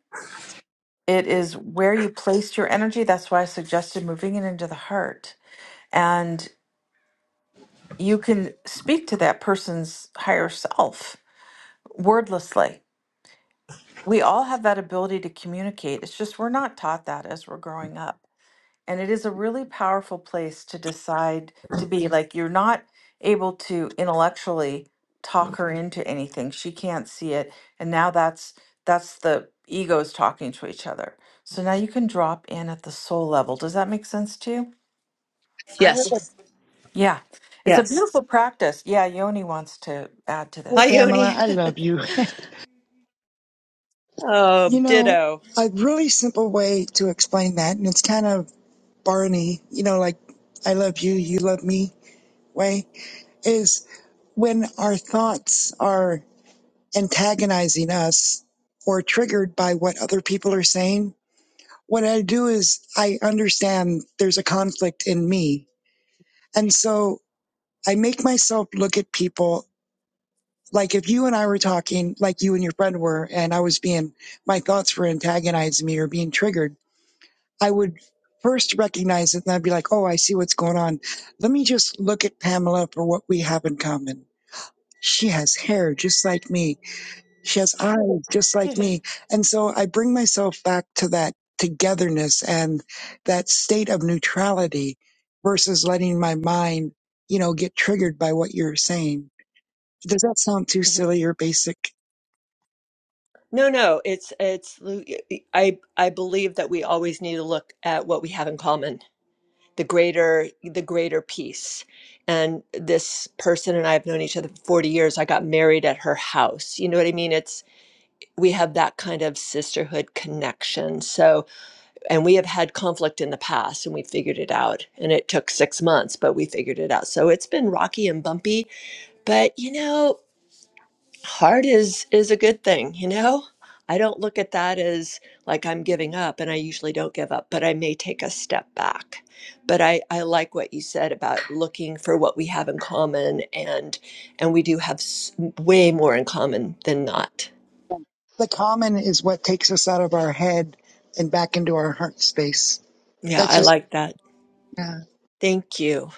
Speaker 1: It is where you placed your energy. That's why I suggested moving it into the heart. And you can speak to that person's higher self wordlessly. We all have that ability to communicate. It's just we're not taught that as we're growing up. And it is a really powerful place to decide to be. Like you're not able to intellectually talk her into anything. She can't see it. And now that's that's the egos talking to each other. So now you can drop in at the soul level. Does that make sense to you?
Speaker 4: I have-
Speaker 5: yes.
Speaker 4: a-
Speaker 1: Yes. Yeah. It's a Yes.
Speaker 5: Yes.
Speaker 1: beautiful practice. Yeah, Yoni wants to add to
Speaker 4: Hey,
Speaker 5: Hi,
Speaker 1: this.
Speaker 4: Pamela,
Speaker 5: Yoni.
Speaker 4: I
Speaker 5: [LAUGHS]
Speaker 4: love you. [LAUGHS]
Speaker 5: Oh,
Speaker 4: you know,
Speaker 5: ditto.
Speaker 4: a really simple way to explain that, and it's kind of Barney, you know, like I love you, you love me way, is when our thoughts are antagonizing us or triggered by what other people are saying. What I do is I understand there's a conflict in me. And so I make myself look at people Like if you and I were talking, like you and your friend were, and I was being, my thoughts were antagonizing me or being triggered, I would first recognize it and I'd be like, oh, I see what's going on. Let me just look at Pamela for what we have in common. She has hair just like me. She has eyes just
Speaker 5: [LAUGHS]
Speaker 4: like me. And so I bring myself back to that togetherness and that state of neutrality versus letting my mind, you know, get triggered by what you're saying. Does that sound too
Speaker 5: Mhm.
Speaker 4: silly or basic?
Speaker 5: No, no, it's it's I I believe that we always need to look at what we have in common, the greater the greater piece. And this person and I have known each other for 40 years. I got married at her house. You know what I mean? It's we have that kind of sisterhood connection. So, and we have had conflict in the past and we figured it out. And it took 6 months, but we figured it out. So, it's been rocky and bumpy, but you know, hard is is a good thing you know i don't look at that as like i'm giving up and i usually don't give up but i may take a step back but i i like what you said about looking for what we have in common and and we do have s- way more in common than not
Speaker 4: The common is what takes us out of our head and back into our heart space.
Speaker 5: yeah
Speaker 4: That's
Speaker 5: i
Speaker 4: just
Speaker 5: like that
Speaker 4: yeah.
Speaker 5: thank you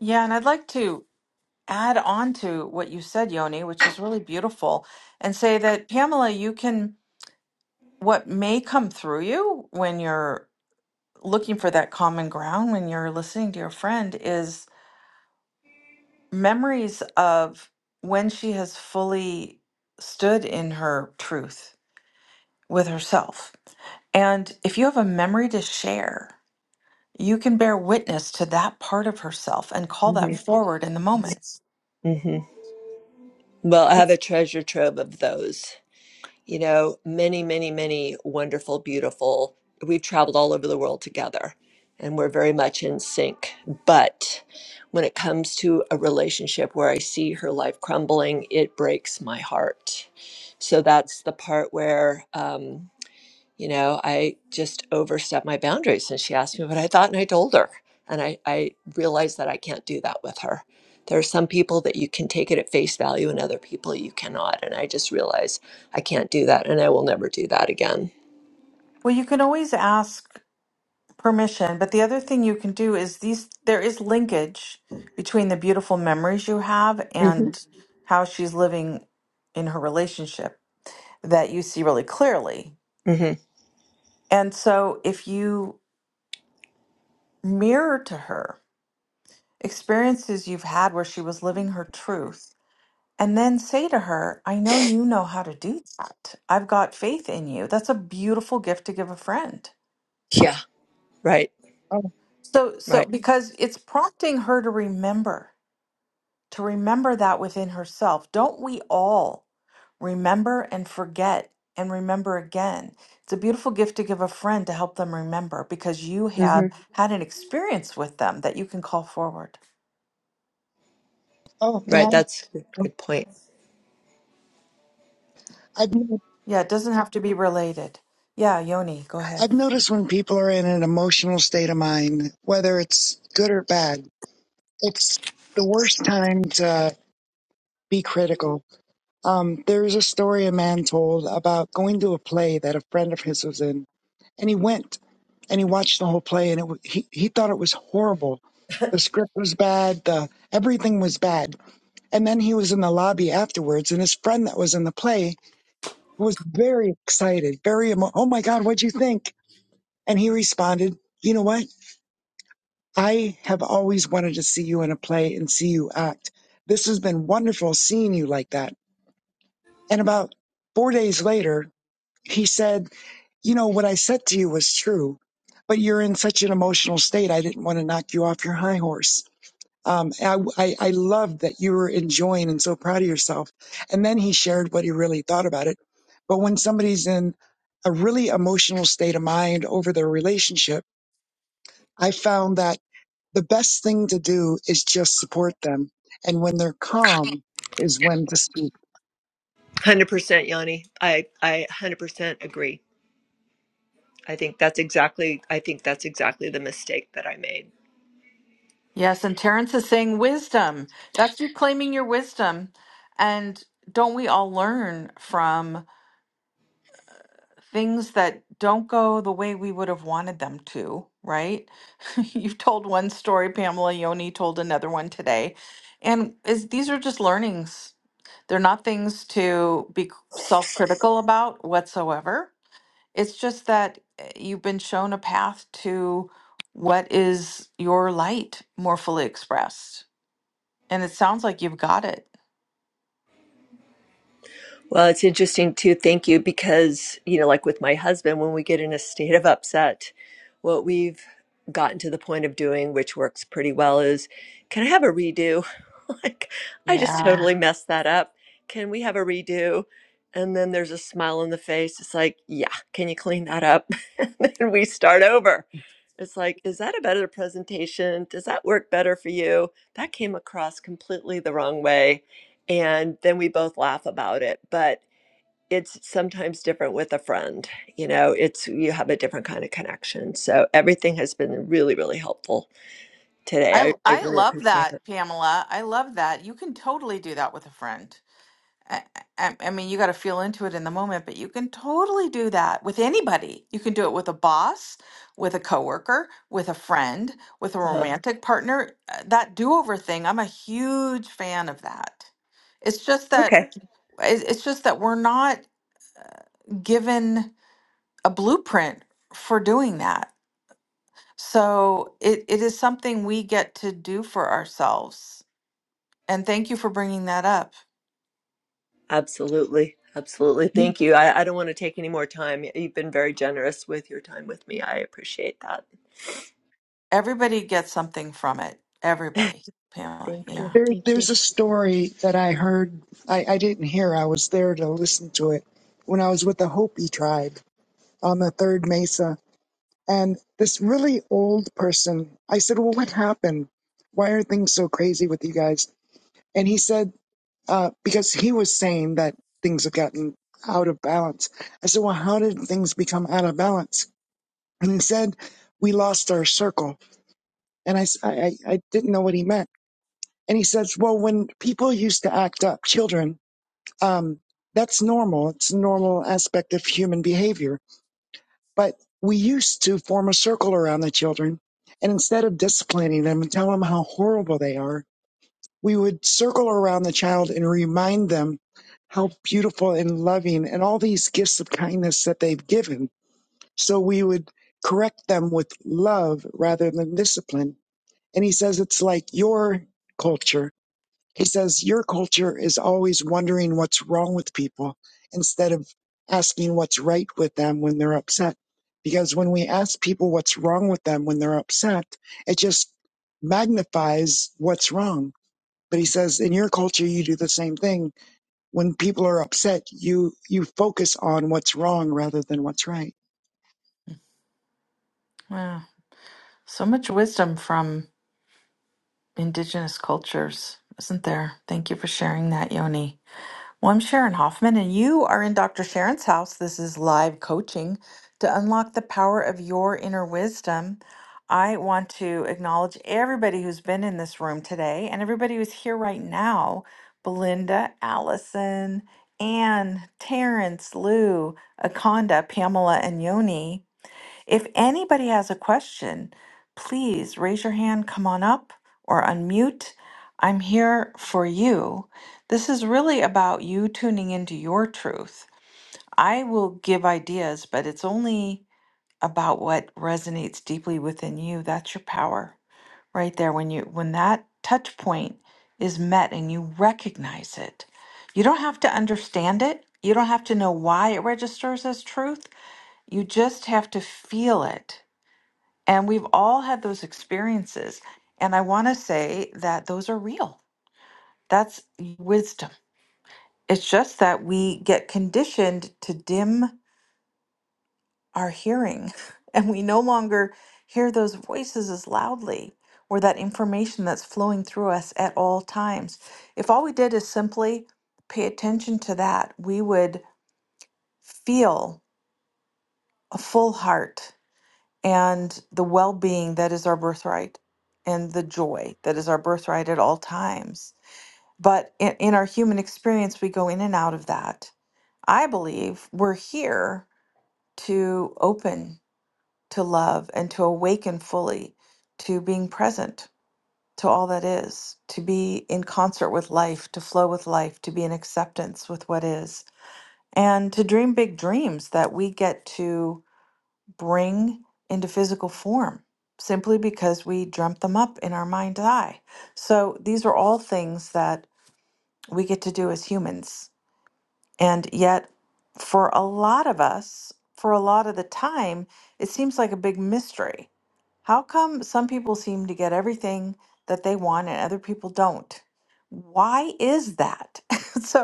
Speaker 1: Yeah, and I'd like to add on to what you said, Yoni, which is really beautiful, and say that Pamela, you can what may come through you when you're looking for that common ground, when you're listening to your friend, is memories of when she has fully stood in her truth with herself. And if you have a memory to share, you can bear witness to that part of herself and call that
Speaker 5: hmm
Speaker 1: forward in the moments.
Speaker 5: hmm well i have a
Speaker 1: It's-
Speaker 5: treasure trove of those you know, many, many, many wonderful, beautiful. We've traveled all over the world together and we're very much in sync. But when it comes to a relationship where I see her life crumbling, it breaks my heart. So that's the part where. Um, you know, I just overstepped my boundaries and she asked me what I thought and I told her. And I, I realized that I can't do that with her. There are some people that you can take it at face value and other people you cannot. And I just realized I can't do that and I will never do that again.
Speaker 1: Well, you can always ask permission. But the other thing you can do is these there is linkage between the beautiful memories you have
Speaker 5: hmm
Speaker 1: and how she's living in her relationship that you see really clearly.
Speaker 5: hmm
Speaker 1: And so if you mirror to her experiences you've had where she was living her truth and then say to her, "I know you know how to do that. I've got faith in you." That's a beautiful gift to give a friend.
Speaker 5: Yeah. Right.
Speaker 4: Oh,
Speaker 1: So so
Speaker 5: Right.
Speaker 1: because it's prompting her to remember to remember that within herself. Don't we all remember and forget and remember again? It's a beautiful gift to give a friend to help them remember because you Yeah.
Speaker 5: hmm
Speaker 1: have had an experience with them that you can call forward.
Speaker 4: oh
Speaker 5: Right.
Speaker 4: man,
Speaker 5: That's a good point.
Speaker 4: I've
Speaker 1: Yeah, it doesn't have to be related. Yeah, Yoni, go ahead.
Speaker 4: I've noticed when people are in an emotional state of mind, whether it's good or bad, it's the worst time to be critical. Um, there's a story a man told about going to a play that a friend of his was in, and he went and he watched the whole play, and it, wa- he he thought it was horrible. The script was bad. The everything was bad And then he was in the lobby afterwards, and his friend that was in the play was very excited, very emo- oh my god, what'd you think? And he responded, you know what? I have always wanted to see you in a play and see you act. This has been wonderful seeing you like that. And about four days later, he said, you know what I said to you was true, but you're in such an emotional state. I didn't want to knock you off your high horse. Um, I, I, I loved that you were enjoying and so proud of yourself. And then he shared what he really thought about it. But when somebody's in a really emotional state of mind over their relationship, I found that the best thing to do is just support them. And when they're calm is when to speak.
Speaker 5: 100% Yanni. I, I 100% agree. I think that's exactly, I think that's exactly the mistake that I made.
Speaker 1: Yes, and Terrence is saying wisdom. That's you claiming your wisdom. And don't we all learn from things that don't go the way we would have wanted them to, right? [LAUGHS] You've told one story, Pamela, Yoni told another one today. And is these are just learnings. They're not things to be c- self-critical about whatsoever. It's just that uh, you've been shown a path to what is your light more fully expressed. And it sounds like you've got it.
Speaker 5: Well, it's interesting too. Thank you. Because, you know, like with my husband, when we get in a state of upset, what we've gotten to the point of doing, which works pretty well, is can I have a redo? [LAUGHS] like, I just
Speaker 1: Yeah.
Speaker 5: totally messed that up. Can we have a redo? And then there's a smile on the face. It's like, yeah, can you clean that up? [LAUGHS] and then we start over. It's like, is that a better presentation? Does that work better for you? That came across completely the wrong way and then we both laugh about it but it's sometimes different with a friend you know it's you have a different kind of connection so everything has been really really helpful
Speaker 1: I
Speaker 5: today i, I
Speaker 1: I
Speaker 5: really
Speaker 1: love
Speaker 5: appreciate
Speaker 1: that,
Speaker 5: it
Speaker 1: Pamela. I love that. You can totally do that with a friend. I, I, I mean, you got to feel into it in the moment, but you can totally do that with anybody. You can do it with a boss, with a coworker, with a friend, with a
Speaker 5: uh-huh.
Speaker 1: romantic partner. Uh, That do-over thing, I'm a huge fan of that. It's just that
Speaker 5: okay
Speaker 1: it- it's just that we're not uh, given a blueprint for doing that. So it, it is something we get to do for ourselves. And thank you for bringing that up.
Speaker 5: absolutely absolutely
Speaker 4: You-
Speaker 5: thank you I, I don't want to take any more time you've been very generous with your time with me i appreciate that
Speaker 1: Everybody gets something from it.
Speaker 5: [LAUGHS]
Speaker 1: Everybody, Pamela.
Speaker 5: thank you
Speaker 1: Yeah.
Speaker 4: There,
Speaker 5: thank you
Speaker 4: there's a story that I heard, I, I didn't hear, I was there to listen to it when I was with the Hopi tribe on the third Mesa And this really old person, I said, Well, what happened? Why are things so crazy with you guys? And he said, uh, Because he was saying that things have gotten out of balance. I said, Well, how did things become out of balance? And he said, We lost our circle. And I, s- I- I- I didn't know what he meant. And he says, Well, when people used to act up, children, um, that's normal. It's a normal aspect of human behavior But we used to form a circle around the children. And instead of disciplining them and telling them how horrible they are, we would circle around the child and remind them how beautiful and loving and all these gifts of kindness that they've given. So we would correct them with love rather than discipline. And he says it's like your culture he says, Your culture is always wondering what's wrong with people instead of asking what's right with them when they're upset. Because when we ask people what's wrong with them when they're upset, it just magnifies what's wrong. But he says, in your culture, you do the same thing. When people are upset, you, you focus on what's wrong rather than what's right.
Speaker 1: Wow. So much wisdom from indigenous cultures, isn't there? Thank you for sharing that, Yoni. Well, I'm Sharon Hoffman, and you are in Dr. Sharon's house. This is live coaching to unlock the power of your inner wisdom. I want to acknowledge everybody who's been in this room today and everybody who's here right now Belinda, Allison, Anne, Terrence, Lou, Akonda, Pamela, and Yoni. If anybody has a question, please raise your hand, come on up, or unmute. I'm here for you. This is really about you tuning into your truth. I will give ideas, but it's only about what resonates deeply within you. That's your power right there. When you when that touch point is met and you recognize it, you don't have to understand it. You don't have to know why it registers as truth. You just have to feel it and we've all had those experiences. And I want to say that those are real. That's wisdom. It's just that we get conditioned to dim our hearing [LAUGHS] and we no longer hear those voices as loudly or that information that's flowing through us at all times. If all we did is simply pay attention to that, we would feel a full heart and the well being that is our birthright and the joy that is our birthright at all times. But in, in our human experience, we go in and out of that. I believe we're here to open to love and to awaken fully to being present to all that is, to be in concert with life, to flow with life, to be in acceptance with what is, and to dream big dreams that we get to bring into physical form simply because we dreamt them up in our mind's eye. So these are all things that we get to do as humans. And yet, for a lot of us, for a lot of the time, it seems like a big mystery. How come some people seem to get everything that they want and other people don't? Why is that? [LAUGHS] so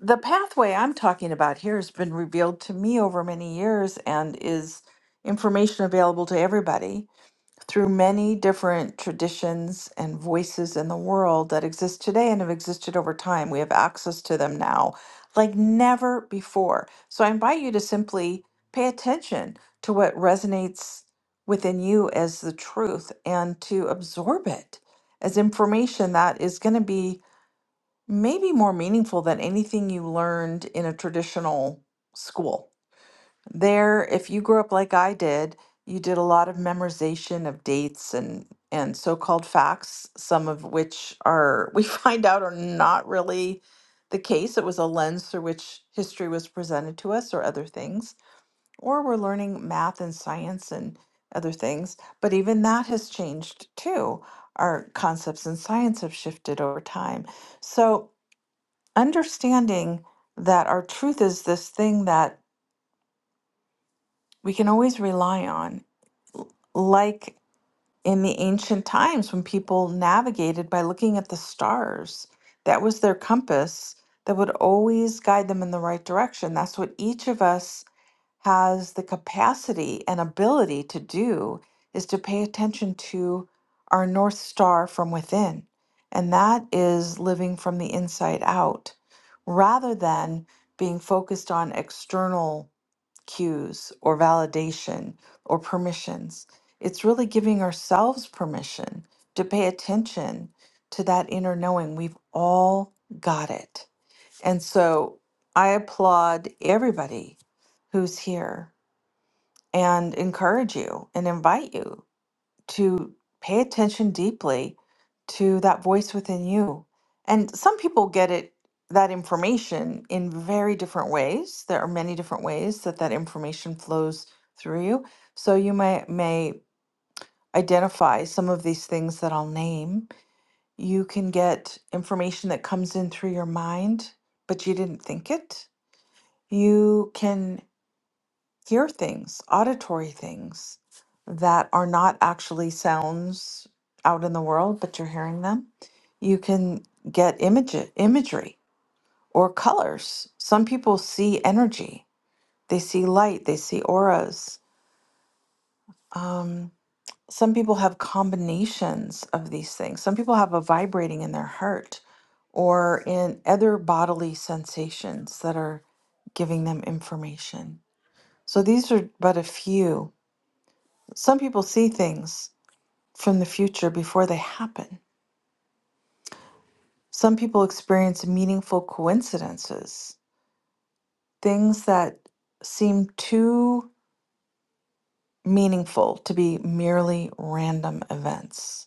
Speaker 1: the pathway I'm talking about here has been revealed to me over many years and is information available to everybody through many different traditions and voices in the world that exist today and have existed over time. We have access to them now like never before. So I invite you to simply pay attention to what resonates within you as the truth and to absorb it as information that is going to be maybe more meaningful than anything you learned in a traditional school. There, if you grew up like I did, you did a lot of memorization of dates and and so-called facts, some of which are [LAUGHS] we find out are not really the case. It was a lens through which history was presented to us or other things, or we're learning math and science and other things, but even that has changed too. Our concepts in science have shifted over time. So, understanding that our truth is this thing that we can always rely on, like in the ancient times when people navigated by looking at the stars. That was their compass that would always guide them in the right direction. That's what each of us has the capacity and ability to do is to pay attention to our North Star from within. And that is living from the inside out rather than being focused on external cues or validation or permissions. It's really giving ourselves permission to pay attention to that inner knowing. We've all got it. And so I applaud everybody who's here and encourage you and invite you to pay attention deeply to that voice within you. And some people get it that information in very different ways. There are many different ways that that information flows through you. So you may may identify some of these things that I'll name. You can get information that comes in through your mind, but you didn't think it. You can hear things, auditory things that are not actually sounds out in the world, but you're hearing them. You can get image imagery or colors. Some people see energy. They see light. They see auras. Um, some people have combinations of these things. Some people have a vibrating in their heart or in other bodily sensations that are giving them information. So these are but a few Some people see things from the future before they happen. Some people experience meaningful coincidences, things that seem too meaningful to be merely random events,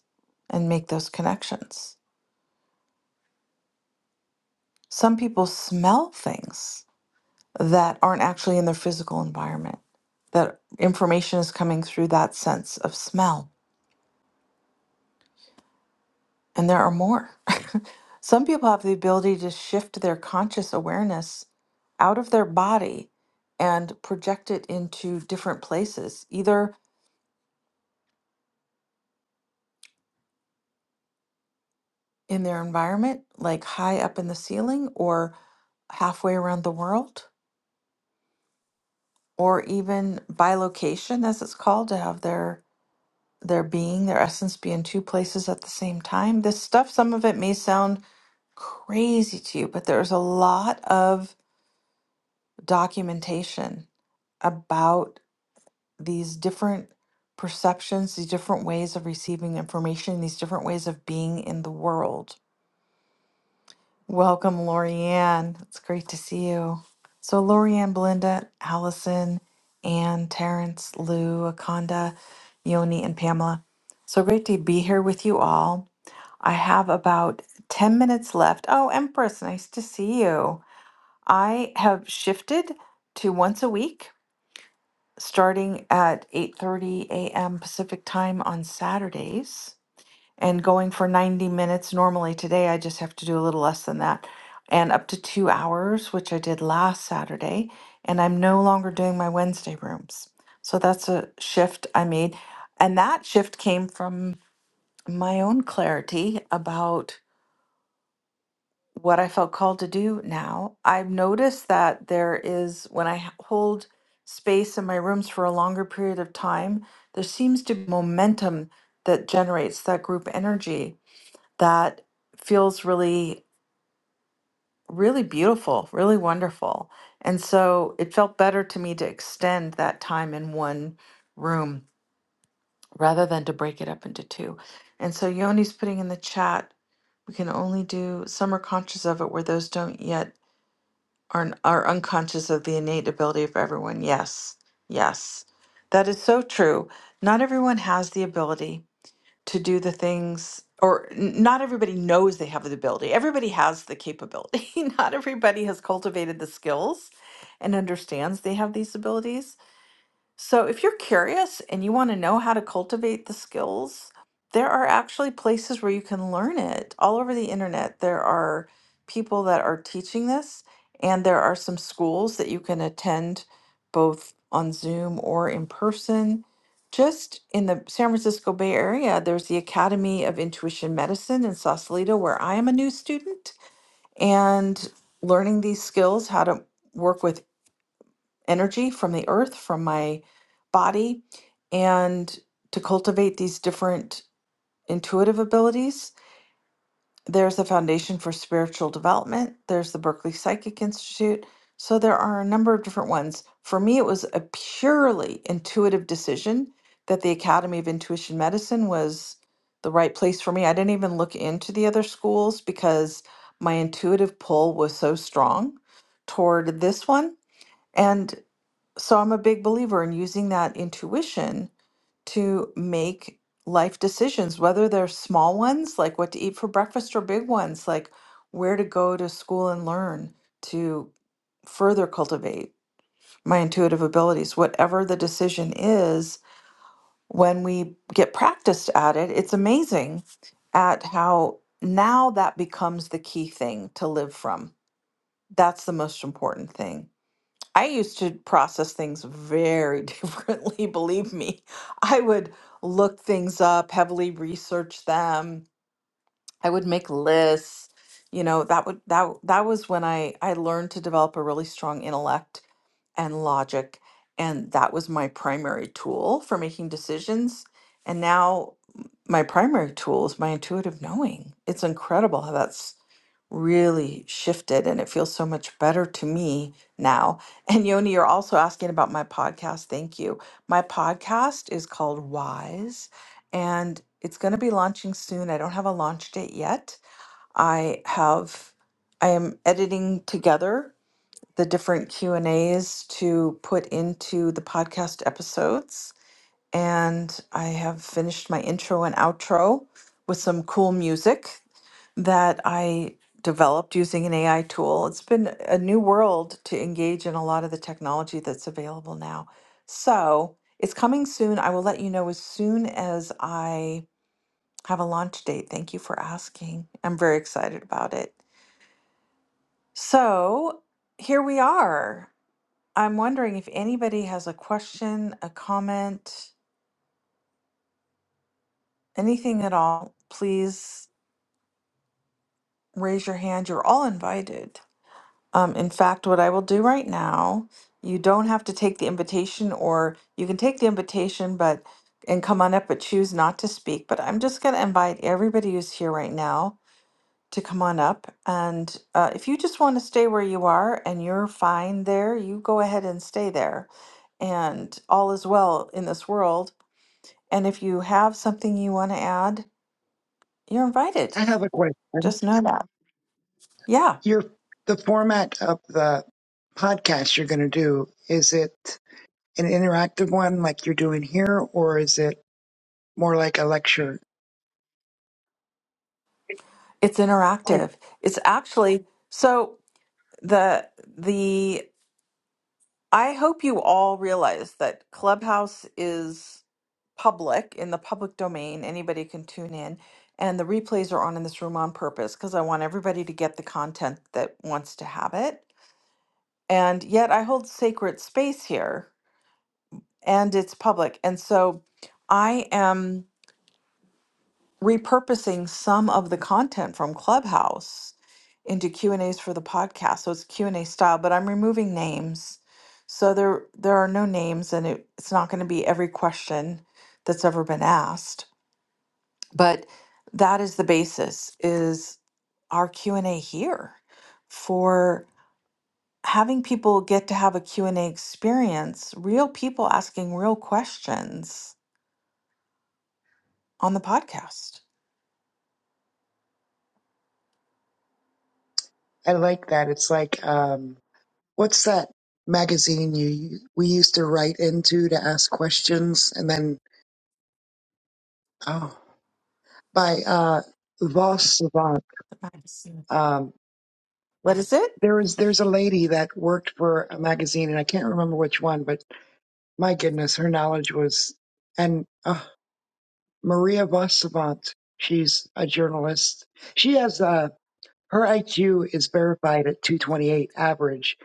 Speaker 1: and make those connections. Some people smell things that aren't actually in their physical environment, that information is coming through that sense of smell. And there are more. [LAUGHS] Some people have the ability to shift their conscious awareness out of their body and project it into different places, either in their environment, like high up in the ceiling or halfway around the world, or even by location, as it's called, to have their their being, their essence be in two places at the same time. This stuff, some of it may sound crazy to you, but there's a lot of documentation about these different perceptions, these different ways of receiving information, these different ways of being in the world. Welcome, Lorianne. It's great to see you. So, Lorianne, Belinda, Allison, Anne, Terrence, Lou, Akonda, Yoni, and Pamela. So great to be here with you all. I have about 10 minutes left. Oh, Empress, nice to see you. I have shifted to once a week starting at 8:30 a.m. Pacific time on Saturdays and going for 90 minutes normally today I just have to do a little less than that and up to 2 hours which I did last Saturday and I'm no longer doing my Wednesday rooms. So that's a shift I made and that shift came from my own clarity about what I felt called to do now, I've noticed that there is, when I h- hold space in my rooms for a longer period of time, there seems to be momentum that generates that group energy that feels really, really beautiful, really wonderful. And so it felt better to me to extend that time in one room rather than to break it up into two. And so Yoni's putting in the chat, we can only do, some are conscious of it where those don't yet are are unconscious of the innate ability of everyone. Yes. Yes. That is so true. Not everyone has the ability to do the things or n- not everybody knows they have the ability. Everybody has the capability. [LAUGHS] not everybody has cultivated the skills and understands they have these abilities. So, if you're curious and you want to know how to cultivate the skills, there are actually places where you can learn it all over the internet. There are people that are teaching this, and there are some schools that you can attend both on Zoom or in person. Just in the San Francisco Bay Area, there's the Academy of Intuition Medicine in Sausalito, where I am a new student, and learning these skills, how to work with energy from the earth, from my body, and to cultivate these different intuitive abilities. There's the Foundation for Spiritual Development, there's the Berkeley Psychic Institute. So there are a number of different ones. For me, it was a purely intuitive decision that the Academy of Intuition Medicine was the right place for me. I didn't even look into the other schools because my intuitive pull was so strong toward this one. And so I'm a big believer in using that intuition to make life decisions, whether they're small ones, like what to eat for breakfast, or big ones, like where to go to school and learn to further cultivate my intuitive abilities. Whatever the decision is, when we get practiced at it, it's amazing at how now that becomes the key thing to live from. That's the most important thing I used to process things very [LAUGHS] differently, believe me. I would look things up, heavily research them. I would make lists. You know, that would that w- that was when I I learned to develop a really strong intellect and logic, and that was my primary tool for making decisions. And now my primary tool is my intuitive knowing. It's incredible how that's really shifted and it feels so much better to me now. [LAUGHS] And Yoni, you're also asking about my podcast. Thank you. My podcast is called Wise and it's going to be launching soon. I don't have a launch date yet. I have I am editing together the different Q&As to put into the podcast episodes and I have finished my intro and outro with some cool music that I developed using an AI tool. It's been a new world to engage in a lot of the technology that's available now. So it's coming soon. I will let you know as soon as I have a launch date. Thank you for asking. I'm very excited about it. So here we are. I'm wondering if anybody has a question, a comment, anything at all, please raise your hand. You're all invited. Um, in fact, what I will do right now, you don't have to take the invitation, or you can take the invitation, but and come on up, but choose not to speak. But I'm just going to invite everybody who's here right now to come on up. And uh, if you just want to stay where you are and you're fine there, you go ahead and stay there. And all is well in this world. And if you have something you want to add, you're invited.
Speaker 4: I have a question.
Speaker 1: Just know that. Yeah.
Speaker 4: Your the format of the podcast you're going to do is it an interactive one like you're doing here, or is it more like a lecture?
Speaker 1: It's
Speaker 4: Oh,
Speaker 1: interactive. It's actually so the the I hope you all realize that Clubhouse is public in the public domain. Anybody can tune in and the replays are on in this room on purpose because I want everybody to get the content that wants to have it. And yet I hold sacred space here and it's public. And so I am repurposing some of the content from Clubhouse into Q and A's for the podcast. So it's Q and A style, but I'm removing names. So there there are no names, and it, it's not going to be every question that's ever been asked. But that is the basis is our Q and A here for having people get to have a Q and A experience, real people asking real questions on the podcast.
Speaker 4: I like that. It's like um, what's that magazine you we used to write into to ask questions, and then oh by uh, Voss Savant.
Speaker 1: Nice.
Speaker 4: Um,
Speaker 1: What is it?
Speaker 4: there is there's a lady that worked for a magazine, and I can't remember which one, but my goodness, her knowledge was and uh, Maria Voss Savant. She's a journalist. She has. a. Her IQ is verified at 228 average.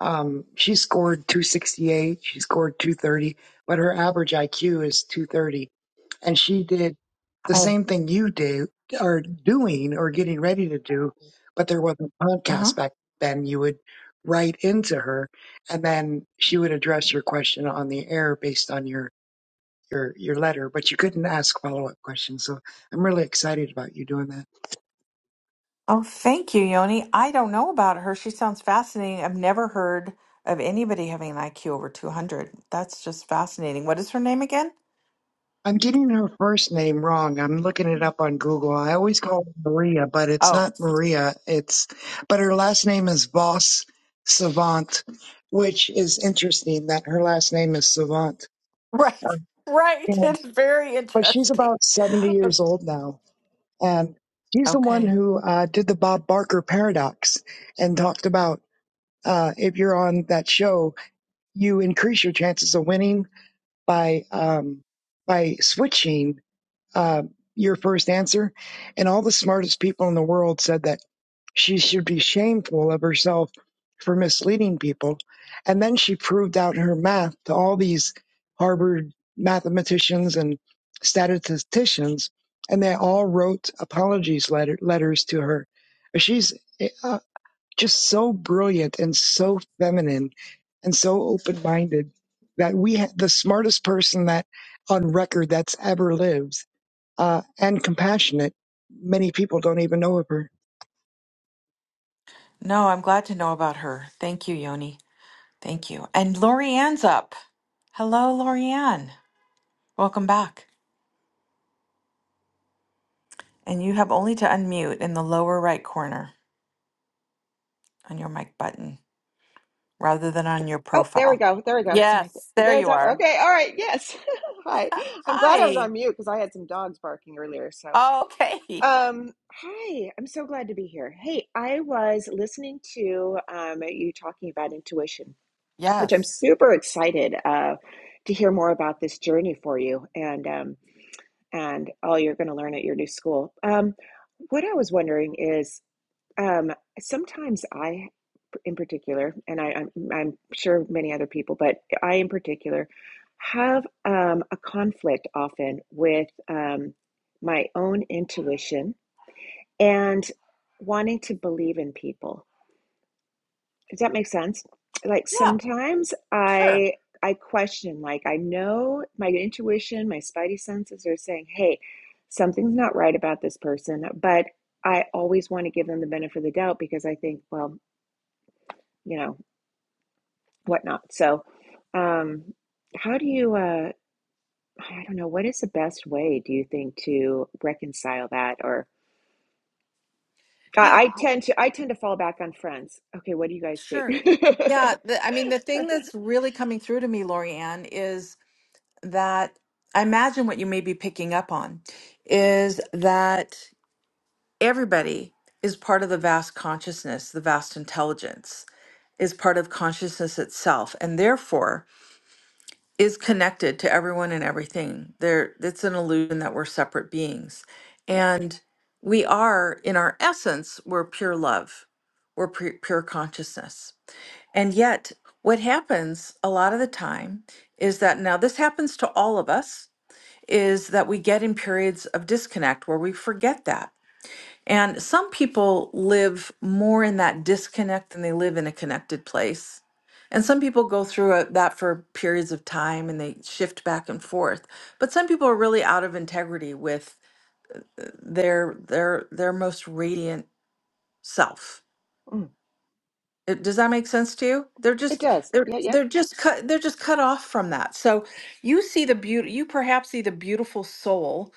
Speaker 4: Um, she scored 268. She scored 230, but her average IQ is 230. And she did the
Speaker 1: Uh
Speaker 4: same thing you do are doing or getting ready to do, but there wasn't a
Speaker 1: huh.
Speaker 4: podcast back then. You would write into her, and then she would address your question on the air based on your your your letter. But you couldn't ask follow up questions. So I'm really excited about you doing that.
Speaker 1: Oh, thank you, Yoni. I don't know about her. She sounds fascinating. I've never heard of anybody having an IQ over 200. That's just fascinating. What is her name again?
Speaker 4: I'm getting her first name wrong. I'm looking it up on Google. I always call her Maria, but it's
Speaker 1: Oh,
Speaker 4: not Maria. It's but her last name is Voss Savant, which is interesting that her last name is Savant.
Speaker 1: right. [LAUGHS]
Speaker 4: Uh,
Speaker 1: Right.
Speaker 4: you know,
Speaker 1: It's very
Speaker 4: But she's
Speaker 1: interesting.
Speaker 4: about 70 years old now, and she's the one
Speaker 1: Okay.
Speaker 4: who uh, did the Bob Barker paradox and talked about uh, if you're on that show, you increase your chances of winning by um, by switching uh, your first answer. And all the smartest people in the world said that she should be shameful of herself for misleading people. And then she proved out her math to all these Harvard mathematicians and statisticians, and they all wrote apologies letter, letters to her. She's uh, just so brilliant and so feminine and so open minded that we ha- the smartest person that on record that's ever lived uh, and compassionate. Many people don't even know of her.
Speaker 1: No, I'm glad to know about her. Thank you, Yoni. Thank you. And Lorianne's up. Hello, Lorianne. Welcome back. And you have only to unmute in the lower right corner on your mic button rather than on your
Speaker 6: Oh, there we
Speaker 1: profile.
Speaker 6: go. There we go. Sorry.
Speaker 1: Yes, there
Speaker 6: There's
Speaker 1: you
Speaker 6: that.
Speaker 1: are.
Speaker 6: Okay. All right. Yes. [LAUGHS] Hi. I'm glad I was
Speaker 1: Hi.
Speaker 6: on mute because I had some dogs barking earlier. So,
Speaker 1: Okay. [LAUGHS]
Speaker 6: um, hi. I'm so glad to be here. Hey, I was listening to um, you talking about intuition, which I'm
Speaker 1: Yes.
Speaker 6: super excited uh, to hear more about this journey for you and um, and all you're going to learn at your new school. Um, what I was wondering is um, sometimes I in particular, and I, I'm, I'm sure many other people, but I in particular have um, a conflict often with um, my own intuition and wanting to believe in people. Does that make sense? Like
Speaker 1: Yeah,
Speaker 6: sometimes
Speaker 1: sure.
Speaker 6: I I question, like I know my intuition, my spidey senses are saying, hey, something's not right about this person, but I always want to give them the benefit of the doubt because I think, well, you know, whatnot. So, um, how do you, uh, I don't know, what is the best way do you think to reconcile that? Or I,
Speaker 1: Yeah,
Speaker 6: I tend to, I tend to fall back on friends. Okay, what do you guys think?
Speaker 1: sure. Yeah,
Speaker 6: [LAUGHS]
Speaker 1: the, I mean, the thing that's really coming through to me, Lorianne, is that I imagine what you may be picking up on is that everybody is part of the vast consciousness, the vast intelligence is part of consciousness itself. And therefore, is connected to everyone and everything. There, it's an illusion that we're separate beings,
Speaker 6: Right.
Speaker 1: and we are, in our essence, we're pure love, we're pu- pure consciousness. And yet, what happens a lot of the time is that now this happens to all of us is that we get in periods of disconnect where we forget that and some people live more in that disconnect than they live in a connected place. And some people go through it- that for periods of time and they shift back and forth. But some people are really out of integrity with uh, their their their most radiant self.
Speaker 6: Mm.
Speaker 1: Uh, Does that make sense to you? They're
Speaker 6: It
Speaker 1: just
Speaker 6: does.
Speaker 1: they're
Speaker 6: Yeah. Yep.
Speaker 1: they're just cut they're just cut off from that. So you see the beauty you perhaps see the beautiful soul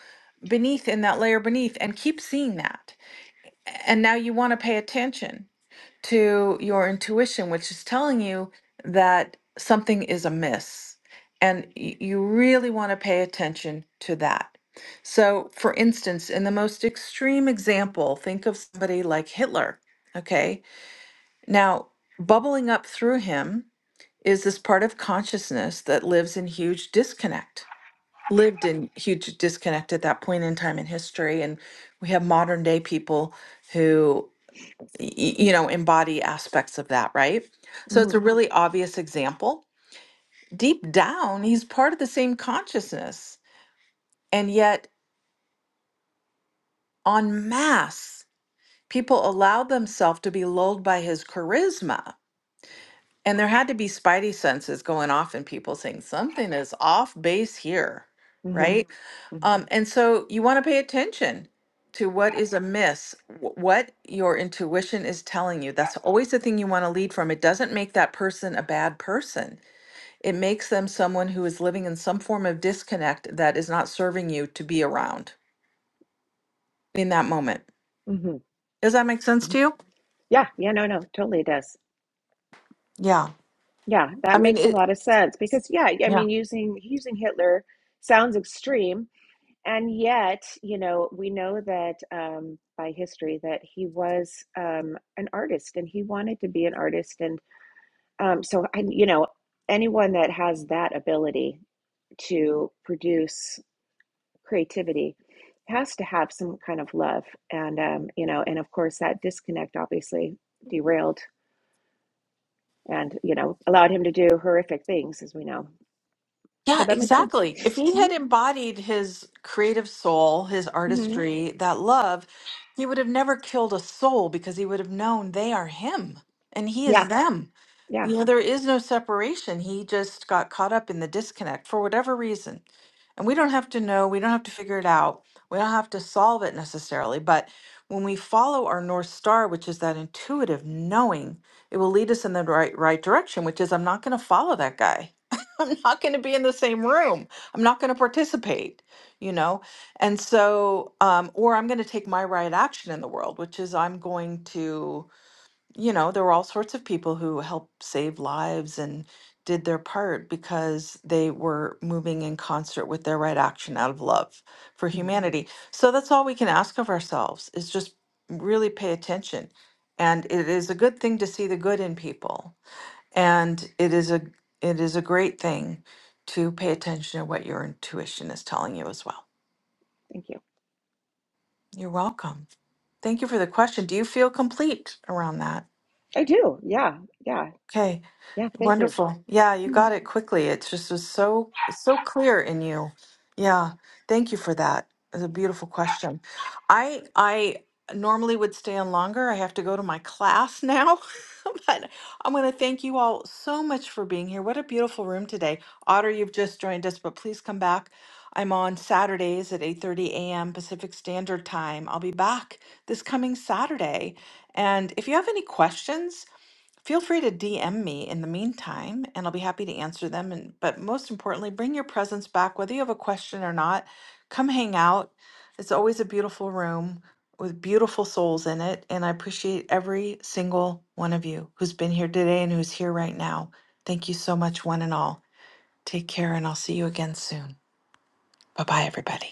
Speaker 1: beneath in that layer beneath and keep seeing that. And now you want to pay attention to your intuition, which is telling you that something is amiss. And y- you really want to pay attention to that. So, for instance, in the most extreme example, think of somebody like Hitler. Okay. Now, bubbling up through him is this part of consciousness that lives in huge disconnect, lived in huge disconnect at that point in time in history. And we have modern day people who y- you know, embody aspects of that, right? So
Speaker 6: hmm
Speaker 1: it's a really obvious example. Deep down, he's part of the same consciousness. And yet, en masse, people allowed themselves to be lulled by his charisma. And there had to be spidey senses going off in people saying something is off base here,
Speaker 6: hmm
Speaker 1: right?
Speaker 6: hmm
Speaker 1: Um, and so you want to pay attention to what is amiss, wh- what your intuition is telling you. That's always the thing you want to lead from. It doesn't make that person a bad person, it makes them someone who is living in some form of disconnect that is not serving you to be around in that moment.
Speaker 6: hmm
Speaker 1: Does that make sense to you?
Speaker 6: Yeah. Yeah. No. No. Totally. It does.
Speaker 1: Yeah.
Speaker 6: Yeah.
Speaker 1: I
Speaker 6: That
Speaker 1: mean,
Speaker 6: makes a
Speaker 1: it.
Speaker 6: lot of sense because yeah. I
Speaker 1: yeah.
Speaker 6: mean, using using Hitler sounds extreme, and yet you know we know that um, by history that he was um, an artist and he wanted to be an artist and um, so I, you know anyone that has that ability to produce creativity has to have some kind of love and um, you know and of course that disconnect obviously derailed and you know allowed him to do horrific things as we know but
Speaker 1: Yeah,
Speaker 6: that makes sense
Speaker 1: exactly. If he
Speaker 6: hmm
Speaker 1: had embodied his creative soul, his
Speaker 6: hmm
Speaker 1: artistry, that love, he would have never killed a soul because he would have known they are him and he
Speaker 6: yeah
Speaker 1: is them.
Speaker 6: yeah
Speaker 1: You know, there is no separation. He just got caught up in the disconnect for whatever reason. And we don't have to know, we don't have to figure it out, we don't have to solve it necessarily. But when we follow our North Star, which is that intuitive knowing, it will lead us in the right, right direction, which is I'm not going to follow that guy. I'm not going to be in the same room. I'm not going to participate, you know? And so, um, or I'm going to take my right action in the world, which is I'm going to, you know, there were all sorts of people who helped save lives and did their part because they were moving in concert with their right action out of love for
Speaker 6: hmm
Speaker 1: humanity. So that's all we can ask of ourselves is just really pay attention. And it is a good thing to see the good in people and it is a it is a great thing to pay attention to what your intuition is telling you as well.
Speaker 6: thank you
Speaker 1: You're welcome. Thank you for the question. Do you feel complete around that?
Speaker 6: i do yeah yeah
Speaker 1: Okay.
Speaker 6: Yeah, thank you.
Speaker 1: Wonderful. Yeah, you got it quickly. It just was so so clear in you. Yeah. Thank you for that. It's a beautiful question. I I normally would stay on longer. I have to go to my class now. [LAUGHS] But I'm going to thank you all so much for being here. What a beautiful room today. Otter, you've just joined us, but please come back. I'm on Saturdays at 8:30 a.m. Pacific Standard Time. I'll be back this coming Saturday. And if you have any questions, Feel free to DM me in the meantime, and I'll be happy to answer them. And but most importantly, bring your presence back, whether you have a question or not. Come hang out. It's always a beautiful room with beautiful souls in it, and I appreciate every single one of you who's been here today and who's here right now. Thank you so much, one and all. Take care, and I'll see you again soon. Bye bye, everybody.